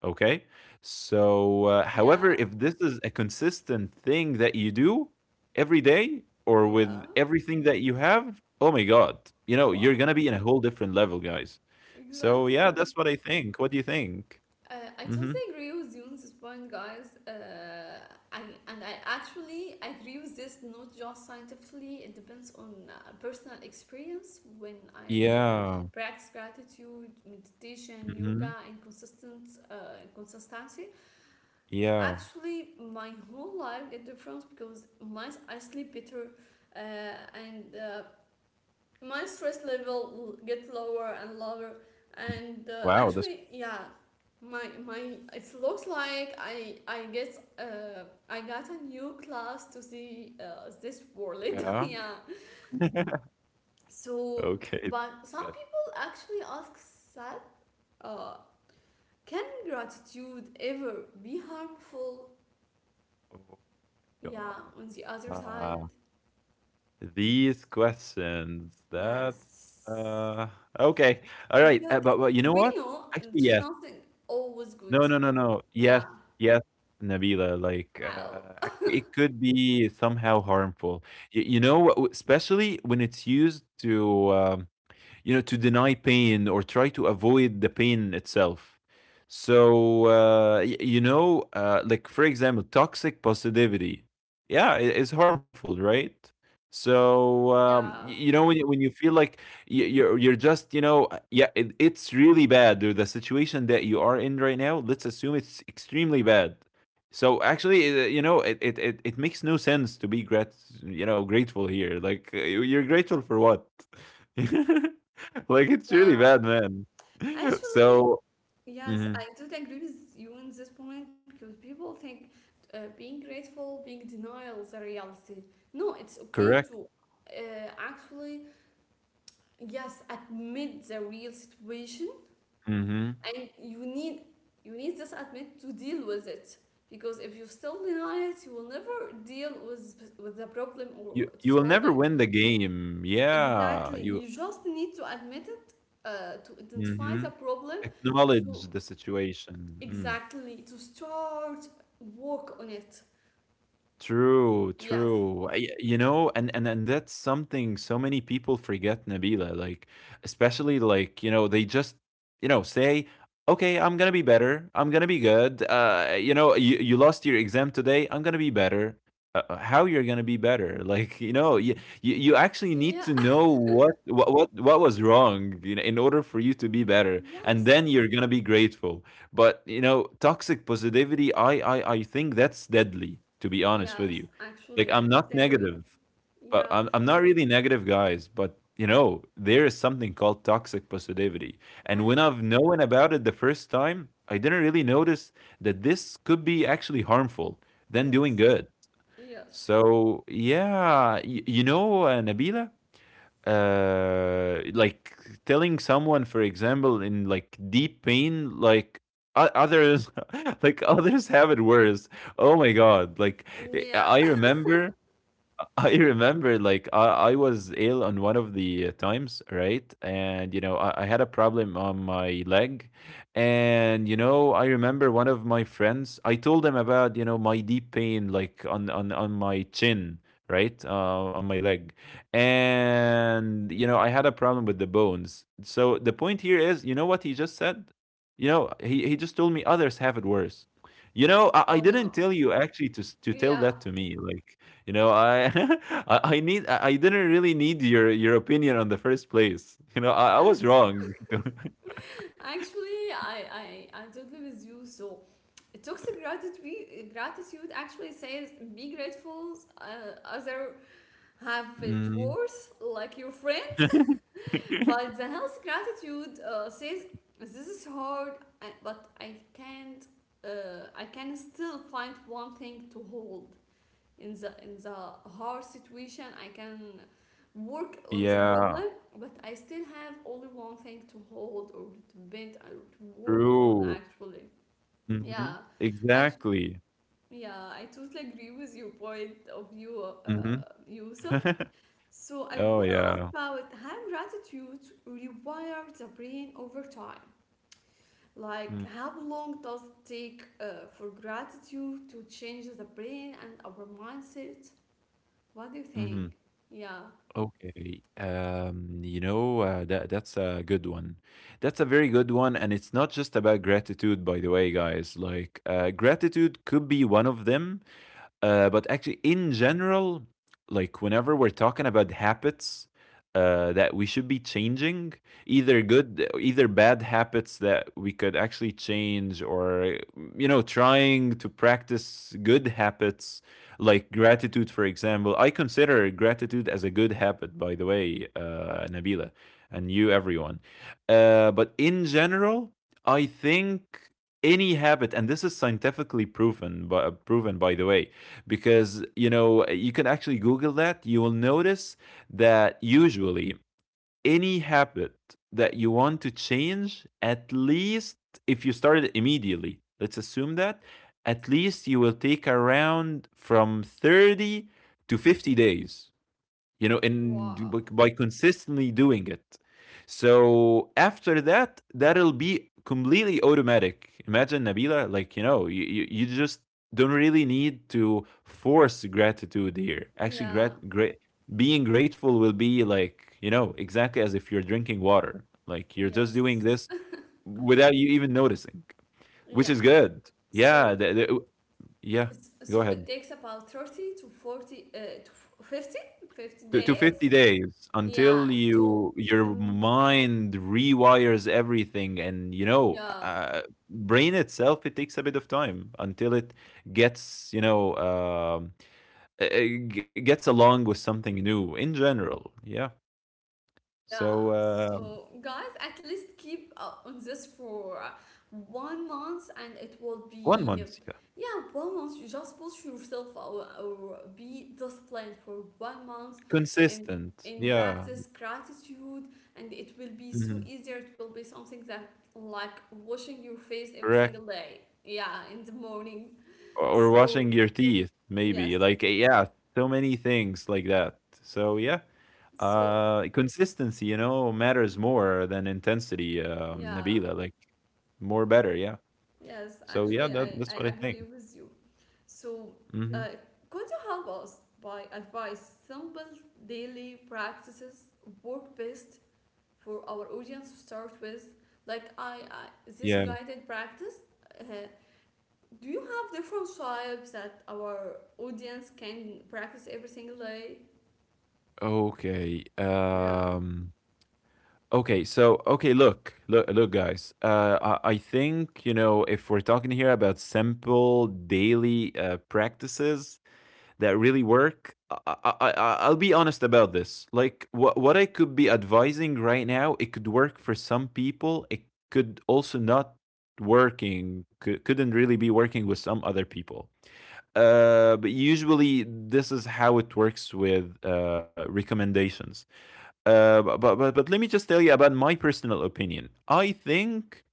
S2: okay? So however,
S1: Yeah.
S2: if this is a consistent thing that you do every day or
S1: Yeah.
S2: with everything that you have, oh my god, you know,
S1: Wow.
S2: you're gonna be in a whole different level, guys. So yeah,
S1: Exactly.
S2: that's what I think. What do you think?
S1: I
S2: Mm-hmm.
S1: totally agree with you on this point, guys. I, and I actually agree with this, not just scientifically. It depends on personal experience. When I
S2: Yeah.
S1: practice gratitude, meditation, yoga,
S2: Mm-hmm.
S1: and consistent uh, consistency,
S2: Yeah.
S1: actually my whole life get difference because my I sleep better, uh, and my stress level get lower and lower,
S2: Mm-hmm.
S1: and
S2: Wow, that's
S1: actually, yeah. my It looks like I got a new class to see this world. (laughs)
S2: yeah,
S1: Yeah. So,
S2: okay.
S1: but some
S2: Yeah.
S1: people actually ask that, uh, can gratitude ever be harmful,
S2: Oh my
S1: yeah,
S2: god.
S1: on the other side?
S2: Uh, these questions. That's
S1: Yes,
S2: uh okay. All right.
S1: because
S2: But you know
S1: we
S2: what?
S1: know
S2: Actually,
S1: there's
S2: yes.
S1: nothing always good.
S2: No, no, no, no.
S1: Yeah,
S2: Yes, yes, Nabila. Like,
S1: how?
S2: actually, it could be somehow harmful. Y you know, what- especially when it's used to, you know, to deny pain or try to avoid the pain itself. So, you know, like for example, toxic positivity. Yeah, it is harmful, right? So, um, y-
S1: Yeah,
S2: you know, when you feel like you're just, you know, yeah, it's really bad. Or the situation that you are in right now, let's assume it's extremely bad. So actually, you know, it makes no sense to be grat, you know, grateful here. Like you're grateful for what? (laughs) Like, it's really
S1: yeah.
S2: bad, man. (laughs)
S1: Actually,
S2: So
S1: yes,
S2: mhm,
S1: I totally agree with you on this point because people think being grateful, being denial is a reality. No, it's okay
S2: correct,
S1: to uh, actually, yes, admit the real situation,
S2: mhm.
S1: and you need this admit to deal with it, because if you still deny it, you will never deal with the problem
S2: You
S1: or
S2: you
S1: to
S2: will
S1: solve
S2: never
S1: it.
S2: win the game. Yeah,
S1: Exactly,
S2: you
S1: you just need to admit it, to identify the
S2: mhm.
S1: problem,
S2: Acknowledge
S1: to
S2: the situation. Mm.
S1: exactly to start work on it.
S2: True,
S1: Yes,
S2: true. I- You know, and that's something so many people forget, Nabila. Like, especially like you know, they just you know say, okay, I'm gonna be better. I'm gonna be good. You know, you lost your exam today. I'm gonna be better. How you're gonna be better? (laughs) Like, you know, you you actually need
S1: yeah.
S2: to know what, what was wrong, you know, in order for you to be
S1: (laughs)
S2: better, and
S1: Yes,
S2: then you're gonna be grateful. But you know, toxic positivity, I think that's deadly, to be honest with
S1: yes,
S2: you.
S1: actually,
S2: Like
S1: I
S2: I'm
S1: totally
S2: not
S1: agree.
S2: negative, but
S1: Yeah,
S2: I'm not really negative, guys, but you know, there is something called toxic positivity.
S1: I,
S2: And when I've known about it the first time, I didn't really notice that this could be actually harmful than doing
S1: yes,
S2: good.
S1: yes,
S2: So yeah, you know, Nabila, like telling someone for example in like deep pain, like others (laughs) like others have it worse, oh my god, like I
S1: yeah.
S2: remember, (laughs) I remember, like I was ill on one of the times, right? And you know, I had a problem on my leg. And you know, I remember one of my friends, I told him about, you know, my deep pain, like on my chin, right? On my leg. And you know, I had a problem with the bones. So the point here is, you know what he just said? You know, he just told me others have it worse. You know, I,
S1: (laughs)
S2: I
S1: Oh,
S2: didn't
S1: no,
S2: tell you actually to s- to tell that
S1: yeah,
S2: to me. Like you know, I (laughs) I need I didn't really need your opinion on the first place. You know, I was
S1: yes.
S2: wrong. (laughs)
S1: Actually, I totally with you. So, toxic gratitude actually says be grateful, other have it
S2: Mm.
S1: worse, like your friend. (laughs) But
S2: (laughs)
S1: the healthy gratitude, says this is hard, but I can't. I can still find one thing to hold in the hard situation. I can work on the
S2: Yeah,
S1: problem, but I still have only one thing to hold or to bend or to work on,
S2: true.
S1: actually. Yeah,
S2: Mhm.
S1: actually,
S2: Exactly.
S1: yeah, I totally agree with your point of view,
S2: Mhm.
S1: Yusuf.
S2: (laughs)
S1: So I
S2: Oh
S1: want to
S2: yeah.
S1: ask about how gratitude rewires the brain over time, like
S2: Mm,
S1: how long does it take, for gratitude to change the brain and our mindset? What do you
S2: mhm.
S1: think? Yeah.
S2: Okay. You know, that that's a good one. That's a very good one, and it's not just about gratitude, by the way, guys. Like, gratitude could be one of them. But actually, in general, like whenever we're talking about habits, that we should be changing, either good, either bad habits that we could actually change, or you know, trying to practice good habits like gratitude, for example. I consider gratitude as a good habit, by the way, Nabila, and you, everyone. But in general, I think any habit, and this is scientifically proven, but proven, by the way, because you know you can actually google that, you will notice that usually any habit that you want to change, at least if you started immediately, let's assume that, at least you will take around from 30 to 50 days, you know, and by
S1: Wow.
S2: by consistently doing it. So after that, that'll be completely automatic. Imagine, Nabila, like, you know, you, you just don't really need to force gratitude here. Actually,
S1: Yeah.
S2: grat- great, being grateful will be like, you know, exactly as if you're drinking water. Like, you're just doing
S1: Yes.
S2: this without you even noticing, which
S1: Yeah.
S2: is good. Yeah.
S1: So
S2: Yeah.
S1: it's,
S2: Go
S1: so it
S2: ahead.
S1: takes about 30 to 40, to f- 50 fifty
S2: To
S1: days.
S2: 50 days
S1: Yeah,
S2: until
S1: to
S2: you your
S1: mm,
S2: mind rewires everything, and you know,
S1: yeah.
S2: brain itself, it takes a bit of time until it gets, you know, gets along with something new in general, yeah.
S1: Yeah,
S2: So
S1: so guys, at least keep on this for 1 month and it will
S2: one
S1: be,
S2: month yeah.
S1: yeah, 1 month. You just push yourself, or be disciplined for 1 month and
S2: Consistent,
S1: in
S2: yeah.
S1: practice gratitude, and it will be so
S2: Mhm,
S1: easier. It will be something that like washing your face every
S2: correct.
S1: single day, yeah, in the morning.
S2: Or
S1: So,
S2: washing your teeth, maybe.
S1: yes,
S2: Like, eh, yeah, so many things like that. So, yeah,
S1: so
S2: consistency, you know, matters more than intensity,
S1: yeah,
S2: Nabila. Like, more better, yeah.
S1: yes,
S2: So, yeah,
S1: actually,
S2: that,
S1: I,
S2: that's what
S1: I
S2: I think.
S1: agree with you. So,
S2: Hmm.
S1: uh, could you help us by advice simple daily practices work best for our audience to start with? Like, I this
S2: Yeah.
S1: guided practice. Uh, do you have different types that our audience can practice every single day?
S2: Okay.
S1: Yeah.
S2: Okay, so okay, look. Look, look, guys. I, think, you know, if we're talking here about simple daily practices, that really work. I, I, I'll be honest about this. Like, what I could be advising right now, it could work for some people. It could also not working, couldn't really be working with some other people. But usually this is how it works with recommendations. But let me just tell you about my personal opinion. I think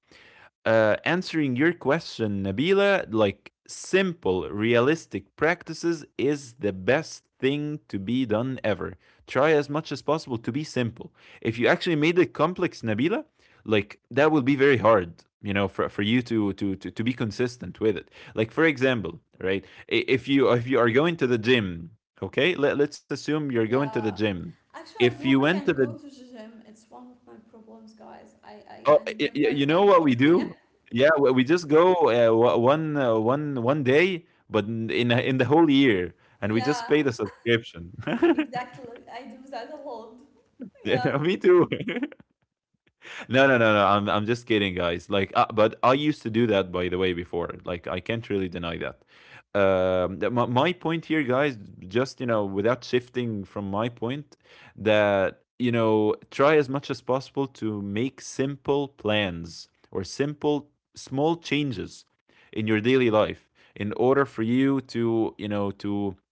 S2: answering your question, Nabila, like simple, realistic practices is the best thing to be done ever. Try as much as possible to be simple. If you actually made it complex, Nabila, like that will be very hard, you know, for you to be consistent with it. Like for example, right? If you are going to the gym, okay, let's assume you're going to the
S1: Yeah.
S2: gym.
S1: Actually,
S2: If
S1: I
S2: you
S1: hope I
S2: went to
S1: can
S2: the—
S1: go to the gym. It's one of my problems, guys. I I,
S2: Oh,
S1: I
S2: y y
S1: never
S2: you know
S1: can
S2: what
S1: go.
S2: we
S1: (laughs) Yeah.
S2: do? Yeah, we just go, o one one one day, but in the whole year, and we just
S1: Yeah.
S2: pay the subscription. (laughs)
S1: Exactly. I do that a lot. Yeah.
S2: Yeah, me too. (laughs) No, no, no, no. I'm just kidding, guys. Like, but I used to do that, by the way, before. Like, I can't really deny that. My point here, guys, just you know, without shifting from my point, that you know, try as much as possible to make simple plans or simple small changes in your daily life in order for you to you know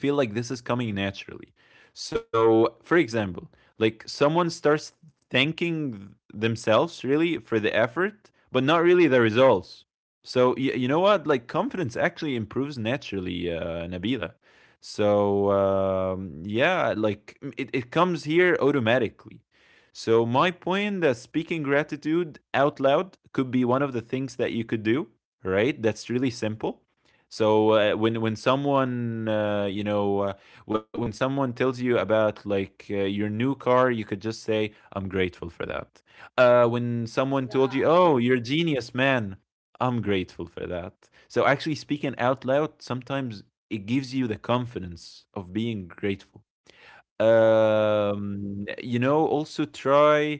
S2: to feel like this is coming naturally. So, for example, like someone starts thanking themselves really for the effort, but not really the results. So, you know what? Like, confidence actually improves naturally, Nabila. So, yeah, like it comes here automatically. So, my point that speaking gratitude out loud could be one of the things that you could do, right? That's really simple. So when someone when someone tells you about like your new car, you could just say, "I'm grateful for that." When someone told you,
S1: Yeah.
S2: "Oh, you're a genius, man," I'm grateful for that. So actually speaking out loud sometimes it gives you the confidence of being grateful.
S1: Wow.
S2: You know, also try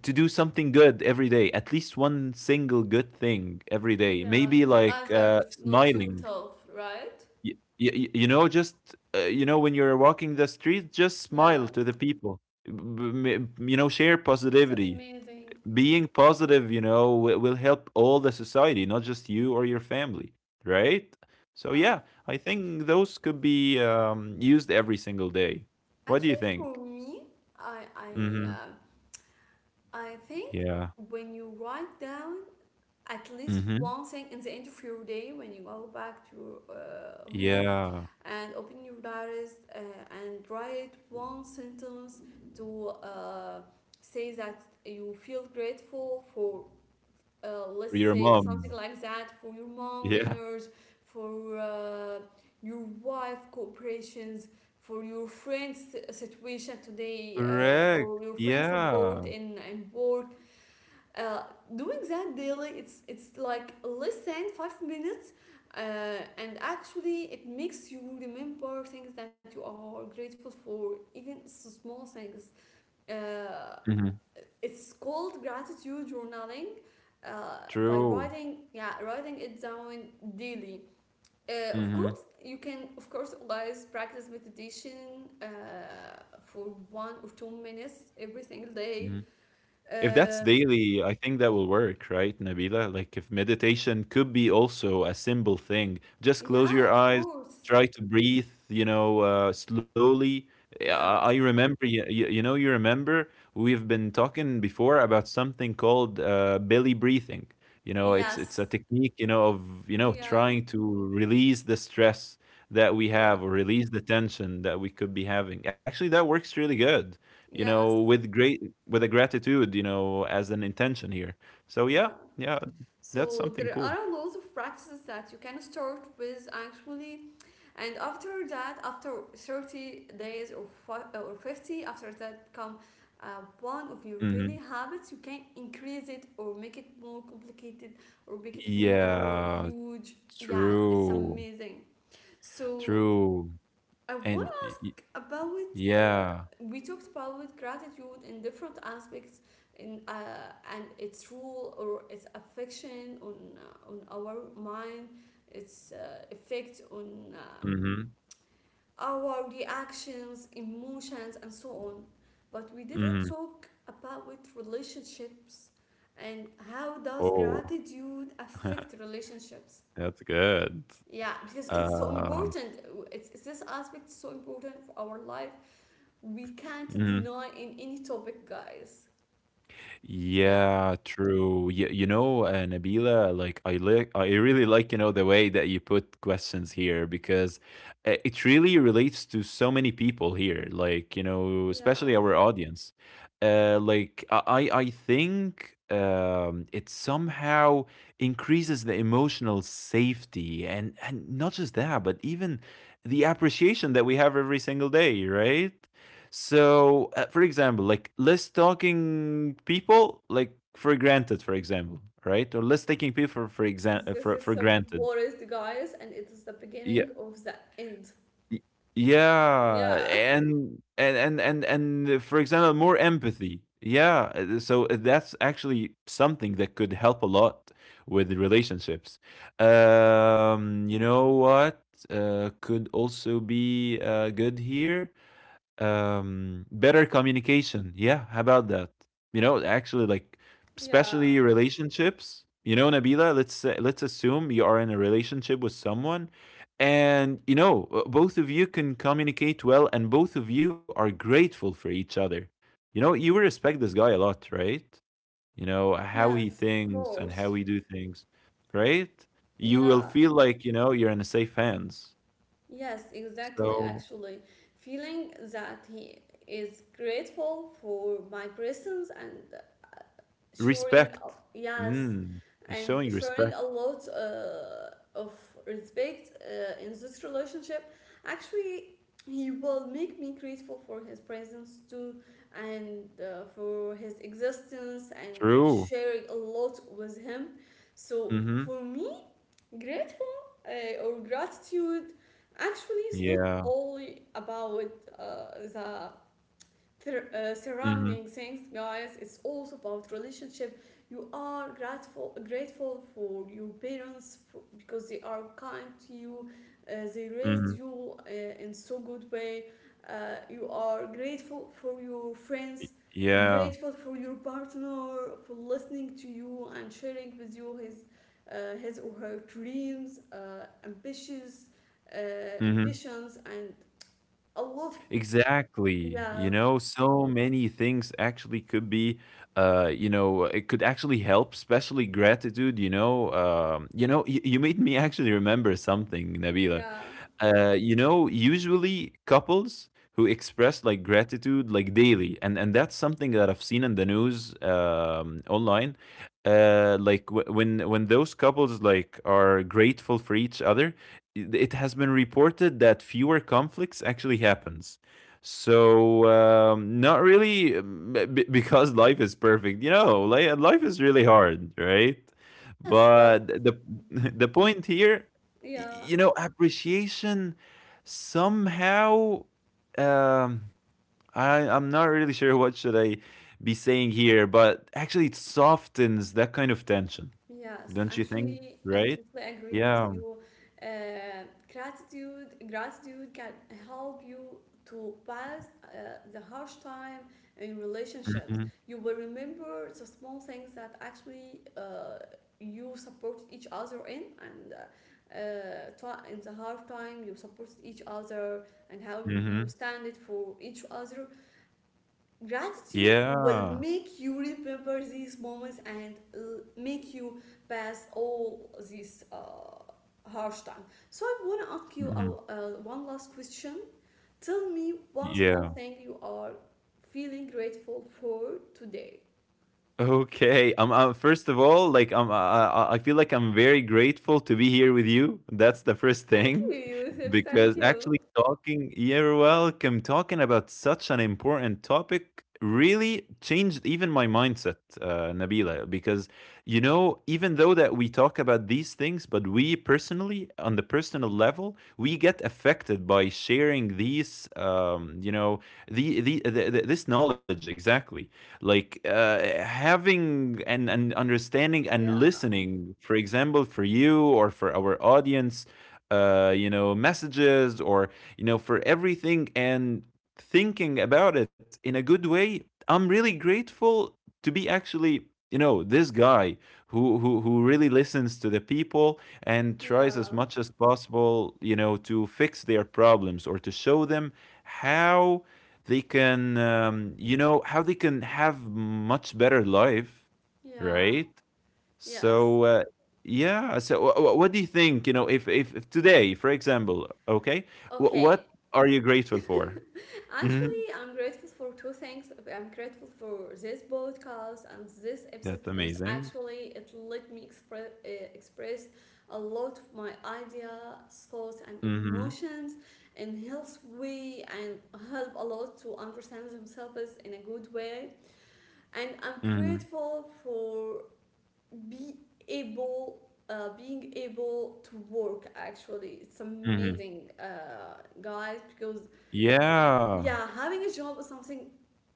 S2: to do something good every day, at least one single good thing every day,
S1: Yeah,
S2: maybe
S1: to
S2: like
S1: others, not
S2: smiling.
S1: yourself, right?
S2: You know, just you know, when you're walking the street, just smile
S1: Yeah.
S2: to the people. You know, share
S1: It's
S2: positivity.
S1: amazing.
S2: Being positive, you know, will help all the society, not just you or your family, right? So
S1: Yeah.
S2: yeah, I think those could be used every single day. What do you
S1: Actually, for
S2: think?
S1: me, I I
S2: Mm-hmm.
S1: uh, I think
S2: Yeah.
S1: when you write down at least
S2: Mm-hmm.
S1: one thing in the end of your day, when you go back to home
S2: Yeah.
S1: and open your diaries, and write one sentence to say that you feel grateful for,
S2: For
S1: let's
S2: your
S1: say something
S2: mom.
S1: like that, for your mom
S2: Yeah.
S1: dinners, for your wife cooperations, for your friends situation today,
S2: Correct.
S1: or your friends support
S2: Yeah.
S1: in work, uh, doing that daily, it's like less than 5 minutes, and actually it makes you remember things that you are grateful for, even small things. Uh,
S2: Mm-hmm.
S1: it's called gratitude journaling. By
S2: True.
S1: writing, yeah, writing it down daily. Of
S2: Mm-hmm.
S1: course, you can, of course, always practice meditation for 1 or 2 minutes every single
S2: Mm-hmm.
S1: day.
S2: If that's
S1: Um
S2: daily, I think that will work, right, Nabila? Like if meditation could be also a simple thing, just close your
S1: yeah, of
S2: eyes,
S1: course.
S2: try to breathe, you know, slowly. Yeah, I
S1: Yes.
S2: remember, you know, you remember we've been talking before about something called belly breathing. You know, it's a
S1: Yes.
S2: technique, you know, of you know
S1: Yeah.
S2: trying to release the stress that we have
S1: Yeah.
S2: or release the tension that we could be having. Actually, that works really good you know,
S1: Yes.
S2: with great— with a gratitude, you know, as an intention here. So yeah,
S1: Yeah.
S2: yeah, that's
S1: So
S2: something
S1: there
S2: cool.
S1: are a lot of practices that you can start with, actually, and after that, after 30 days or or 50, after that come one of your
S2: Hmm.
S1: daily habits, you can increase it or make it more complicated or make it more
S2: Yeah,
S1: huge. Yeah, it's
S2: true,
S1: amazing. So
S2: true,
S1: I want
S2: and
S1: about uh,
S2: yeah.
S1: we talked about gratitude in different aspects in and its rule or its affection on our mind its effect on
S2: Hmm.
S1: our reactions emotions and so on but we didn't
S2: Hmm.
S1: talk about relationships and how does
S2: Oh,
S1: gratitude
S2: (laughs)
S1: affect relationships,
S2: that's good.
S1: yeah, because it's so
S2: Um.
S1: important. It's this aspect so important for our life we can't
S2: Mhm.
S1: deny in any topic, guys. Yeah,
S2: Yeah, true. You know, Nabila, like I really like, you know, the way that you put questions here because it really relates to so many people here, like, you know,
S1: yeah.
S2: especially our audience. Uh, like I I think it somehow increases the emotional safety, and not just that, but even the appreciation that we have every single day, right? So, for example, like less talking people, like for granted, for example, right? Or less taking people for— for example—
S1: This is
S2: for
S1: the
S2: granted.
S1: worst, guys, and it is the
S2: Yeah,
S1: beginning of the end.
S2: y- yeah,
S1: Yeah,
S2: and for example, more empathy. Yeah, so that's actually something that could help a lot with relationships. You know what? Could also be good here, better communication, yeah, how about that? You know, actually, like
S1: (laughs)
S2: especially
S1: yeah.
S2: relationships, you know, Nabila, let's say, let's assume you are in a relationship with someone, and you know both of you can communicate well, and both of you are grateful for each other. You know, you will respect this guy a lot, right? You know how he
S1: Yes, of
S2: thinks and how
S1: course.
S2: he do things, right? You will
S1: Yeah,
S2: feel like you know you're in a safe hands,
S1: yes, exactly.
S2: so—
S1: Actually, feeling that he is grateful for my presence and showing
S2: Respect.
S1: up, yes,
S2: Mm, it's
S1: and
S2: showing
S1: showing
S2: respect.
S1: a lot of respect in this relationship, actually he will make me grateful for his presence too, and for his existence and
S2: True.
S1: sharing a lot with him. So
S2: Mhm.
S1: for me grateful or gratitude actually is not
S2: Yeah.
S1: only about uh, the
S2: Mhm.
S1: surrounding things, guys, it's also about relationship. You are grateful for your parents for, because they are kind to you. They raised
S2: Mhm.
S1: you in so good way. You are grateful for your friends,
S2: Yeah.
S1: grateful for your partner for listening to you and sharing with you his or her dreams, ambitious uh,
S2: Mhm.
S1: ambitions and a lot of.
S2: Exactly. You
S1: Yeah,
S2: know, so many things actually could be you know, it could actually help, especially gratitude, you know. You know, you made me actually remember something, Nabila.
S1: yeah.
S2: You know, usually couples who express like gratitude like daily, and that's something that I've seen in the news online. Like when those couples like are grateful for each other, it has been reported that fewer conflicts actually happens. So not really because life is perfect, you know. Like life is really hard, right?
S1: Yes, but
S2: But the (laughs) the point here— Y
S1: yeah,
S2: You know, appreciation somehow, um, I'm not really sure (laughs) what should I be saying here, but actually it softens that kind of tension,
S1: yes,
S2: don't you think?
S1: actually, I
S2: Right?
S1: totally agree with
S2: Yeah.
S1: you. Uh, gratitude can help you to pass the harsh time in relationships.
S2: Mhm.
S1: You will remember the small things that actually you support each other in, and in the hard time you support each other and how you
S2: Mhm.
S1: stand it for each other. Gratitude will
S2: Yeah.
S1: make you remember these moments and make you pass all these harsh time. So I want to ask you
S2: Mhm.
S1: one last question. Tell me one small
S2: Yeah.
S1: thing you are feeling grateful for today.
S2: Okay. First of all, like I feel like I'm very grateful to be here with you. That's the first
S1: Thank
S2: thing,
S1: you,
S2: (laughs)
S1: Yusuf. Thank
S2: because
S1: you.
S2: actually talking. You're welcome. Talking about such an important topic really changed even my mindset, Nabila. Because you know, even though that we talk about these things, but we personally, on the personal level, we get affected by sharing these. You know, the this knowledge exactly like having and understanding and
S1: Yeah,
S2: listening, for example, for you or for our audience, you know, messages, or you know, for everything, and thinking about it in a good way. I'm really grateful to be actually, you know, this guy who really listens to the people and tries as
S1: yeah,
S2: much as possible, you know, to fix their problems, or to show them how they can you know, how they can have much better life,
S1: yeah,
S2: right?
S1: yes.
S2: So yeah, so what do you think, you know, if today, for example, okay,
S1: Okay.
S2: what are you grateful for? Hmm,
S1: Actually, I'm grateful for two things. I'm grateful for this podcast and this episode
S2: that's
S1: because
S2: amazing.
S1: actually it let me express a lot of my ideas, thoughts, and
S2: Hmm.
S1: emotions in health way and help a lot to understand themselves in a good way. And I'm
S2: Hmm.
S1: grateful for be able. Being able to work actually it's
S2: Hmm.
S1: amazing, guys, because
S2: Yeah.
S1: yeah, having a job is something.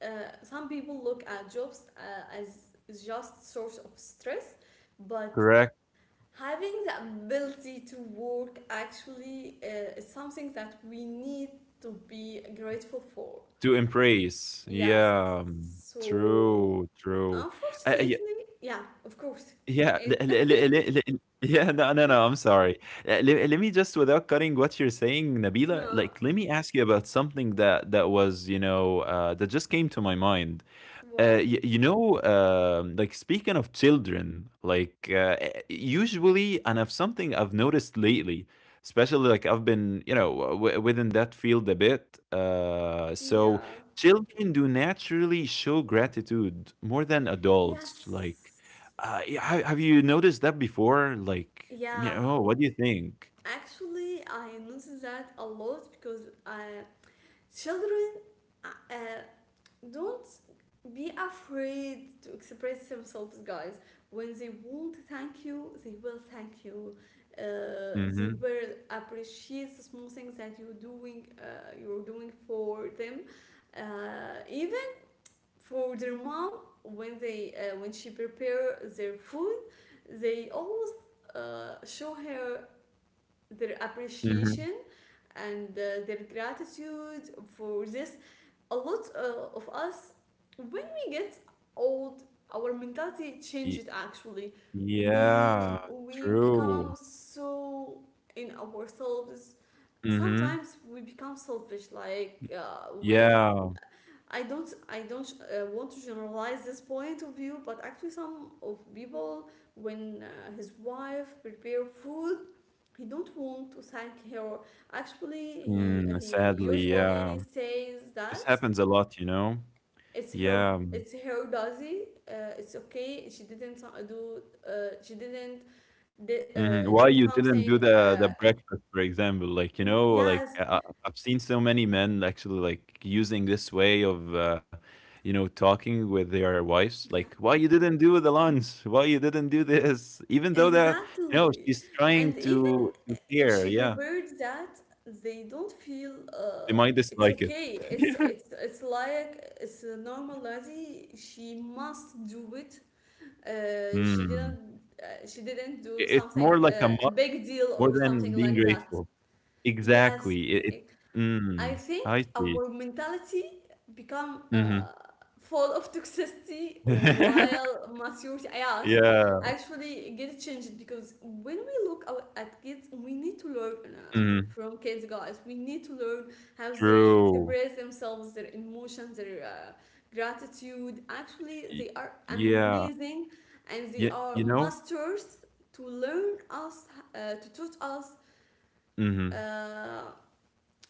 S1: uh, some people look at jobs as just source of stress, but
S2: Correct.
S1: having the ability to work actually is something that we need to be grateful for.
S2: To embrace,
S1: Yes.
S2: yeah. Mm,
S1: So
S2: true, true. Uh, yeah,
S1: unfortunately, yeah, of course.
S2: yeah, le
S1: It.
S2: le le le le yeah, no, no, no, I'm sorry. Le let me just, without cutting what you're saying,
S1: (laughs)
S2: Nabila,
S1: No.
S2: like, let me ask you about something that that was, you know, that just came to my mind.
S1: What?
S2: Y you know, like speaking of children, like usually, and of something I've noticed lately, especially like I've been, you know, w within that field a bit. So
S1: Yeah.
S2: children do naturally show gratitude more than adults. Like
S1: Yes.
S2: yeah, ha have you noticed that before? Like, you
S1: Yeah,
S2: know, what do you think?
S1: actually I noticed that a lot because I. Children uh, uh, don't be afraid to express themselves, guys. When they want to thank you, they will thank you. They
S2: Mhm,
S1: will appreciate the small things that you're doing. You're doing for them, even for their mom when they when she prepare their food, they always show her their
S2: mhm.
S1: appreciation and their gratitude for this. A lot of us, when we get old, our mentality
S2: Y
S1: changes actually. We,
S2: Yeah,
S1: we become
S2: true.
S1: so in ourselves.
S2: Mhm.
S1: Sometimes we become selfish, like, when
S2: Yeah.
S1: I don't want to generalize this point of view, but actually some of people, when his wife prepare food, he don't want to thank her. Actually, he
S2: Mm,
S1: he
S2: sadly, yeah.
S1: usually says
S2: This
S1: that
S2: happens a lot, you know?
S1: it's her,
S2: Yeah.
S1: it's her dozy. Uh, it's okay, she didn't do, she didn't
S2: Mhm.
S1: do
S2: Why you didn't
S1: something,
S2: do
S1: uh.
S2: the breakfast, for example? Like,
S1: Mm,
S2: you know,
S1: yes.
S2: like I've seen so many men actually like using this way of, you know, talking with their wives.
S1: Yeah.
S2: Like, why you
S1: be-
S2: didn't do the lunch? Why you didn't do this? Even though that, you know,
S1: exactly.
S2: she's
S1: And
S2: trying
S1: even
S2: to
S1: if she
S2: care. Yeah,
S1: prepared that, they don't feel,
S2: they
S1: uh,
S2: might
S1: it's
S2: dislike it.
S1: okay,
S2: (laughs)
S1: it's like it's a normal lady she must do it.
S2: Yeah.
S1: She
S2: Mm.
S1: didn't, she didn't
S2: I-
S1: do
S2: It's
S1: something,
S2: more like a must
S1: big deal or
S2: more
S1: something
S2: than being
S1: like that.
S2: grateful.
S1: Yes,
S2: Exactly. It. It—
S1: I I
S2: mm.
S1: think
S2: I see.
S1: our mentality become
S2: Hmm.
S1: full of (laughs) toxicity
S2: (laughs)
S1: while maturity, yes,
S2: Yeah.
S1: actually get changed, because when we look out at kids, we need to learn
S2: Mhm.
S1: from kids, guys. We need to learn how they
S2: True.
S1: express themselves, their emotions, their gratitude. Actually,
S2: Y
S1: they are
S2: Yeah.
S1: amazing and they
S2: Y
S1: are
S2: You know?
S1: masters to learn us, to teach us.
S2: Mhm.
S1: Uh,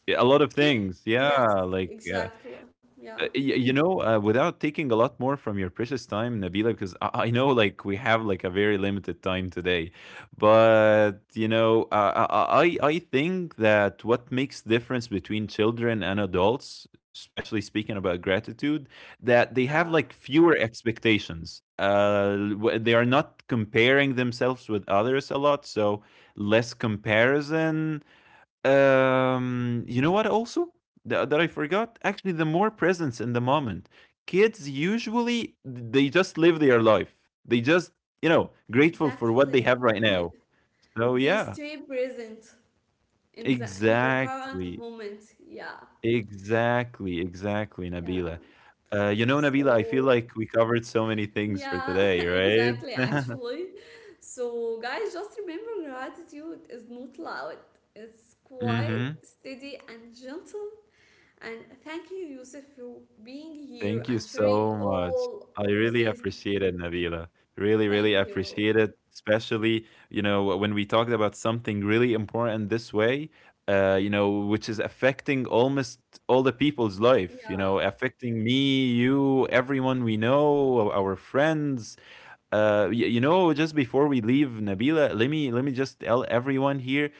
S2: Yeah, a lot of
S1: Ki
S2: things. Yeah,
S1: yes,
S2: like, yeah.
S1: exactly. Yeah,
S2: You know, without taking a lot more from your precious time, Nabila, because I know like we have like a very limited time today, but you know, I think that what makes difference between children and adults, especially speaking about gratitude, that they
S1: yeah,
S2: have like fewer expectations. They are not comparing themselves with others a lot, so less comparison. Um, you know what? Also, that I forgot. Actually, the more presence in the moment. Kids usually they just live their life. They just you know grateful for what they
S1: exactly.
S2: have right
S1: The,
S2: now. So
S1: they
S2: yeah,
S1: stay present in the current
S2: exactly,
S1: moment. Yeah,
S2: exactly, exactly,
S1: yeah.
S2: Nabila. You know, Nabila, I feel
S1: So
S2: like we covered so many things for
S1: yeah,
S2: today,
S1: (laughs)
S2: right?
S1: exactly.
S2: (laughs)
S1: Actually, so guys, just remember, gratitude is not loud. It's quiet,
S2: Hmm.
S1: steady, and gentle. And thank you, Yusuf, for being here
S2: Thank you
S1: and sharing
S2: so much.
S1: all
S2: I
S1: of
S2: really
S1: this.
S2: appreciate it, Nabila. Really, really
S1: Thank you.
S2: appreciate it. Especially, you know, when we talked about something really important this way, you know, which is affecting almost all the people's life, you know,
S1: Yeah.
S2: affecting me, you, everyone we know, our friends, you know, just before we leave, Nabila, let me just tell everyone here,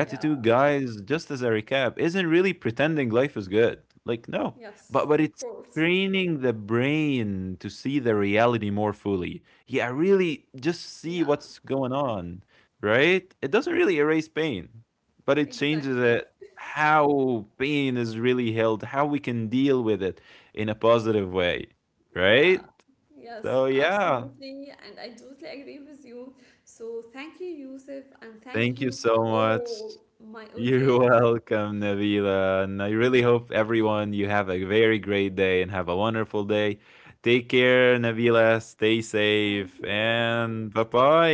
S1: Yeah.
S2: guys. Just as a recap, isn't really pretending life is good. Like no,
S1: Yes,
S2: but
S1: of
S2: it's
S1: course.
S2: training the brain to see the reality more fully. Yeah, really, just see
S1: Yeah,
S2: what's going on, right? It doesn't really erase pain, but it changes
S1: exactly.
S2: it. How pain is really held, how we can deal with it in a positive way,
S1: Yeah,
S2: right?
S1: yes,
S2: So yeah,
S1: absolutely. And I totally agree with you. So thank you, Yusuf, and thank
S2: thank you
S1: you for
S2: so much.
S1: all my
S2: You're (laughs)
S1: audience.
S2: welcome, Nabila. And I really hope everyone you have a very great day and have a wonderful day. Take care, Nabila. Stay
S1: Thank
S2: safe.
S1: you.
S2: And bye bye,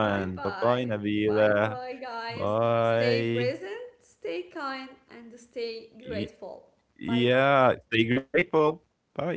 S1: Bye
S2: Bye bye,
S1: bye. Bye
S2: Nabila.
S1: bye, guys. Stay
S2: Bye.
S1: present, stay kind, and stay
S2: Y-
S1: grateful. Bye bye.
S2: yeah. Stay grateful. Bye.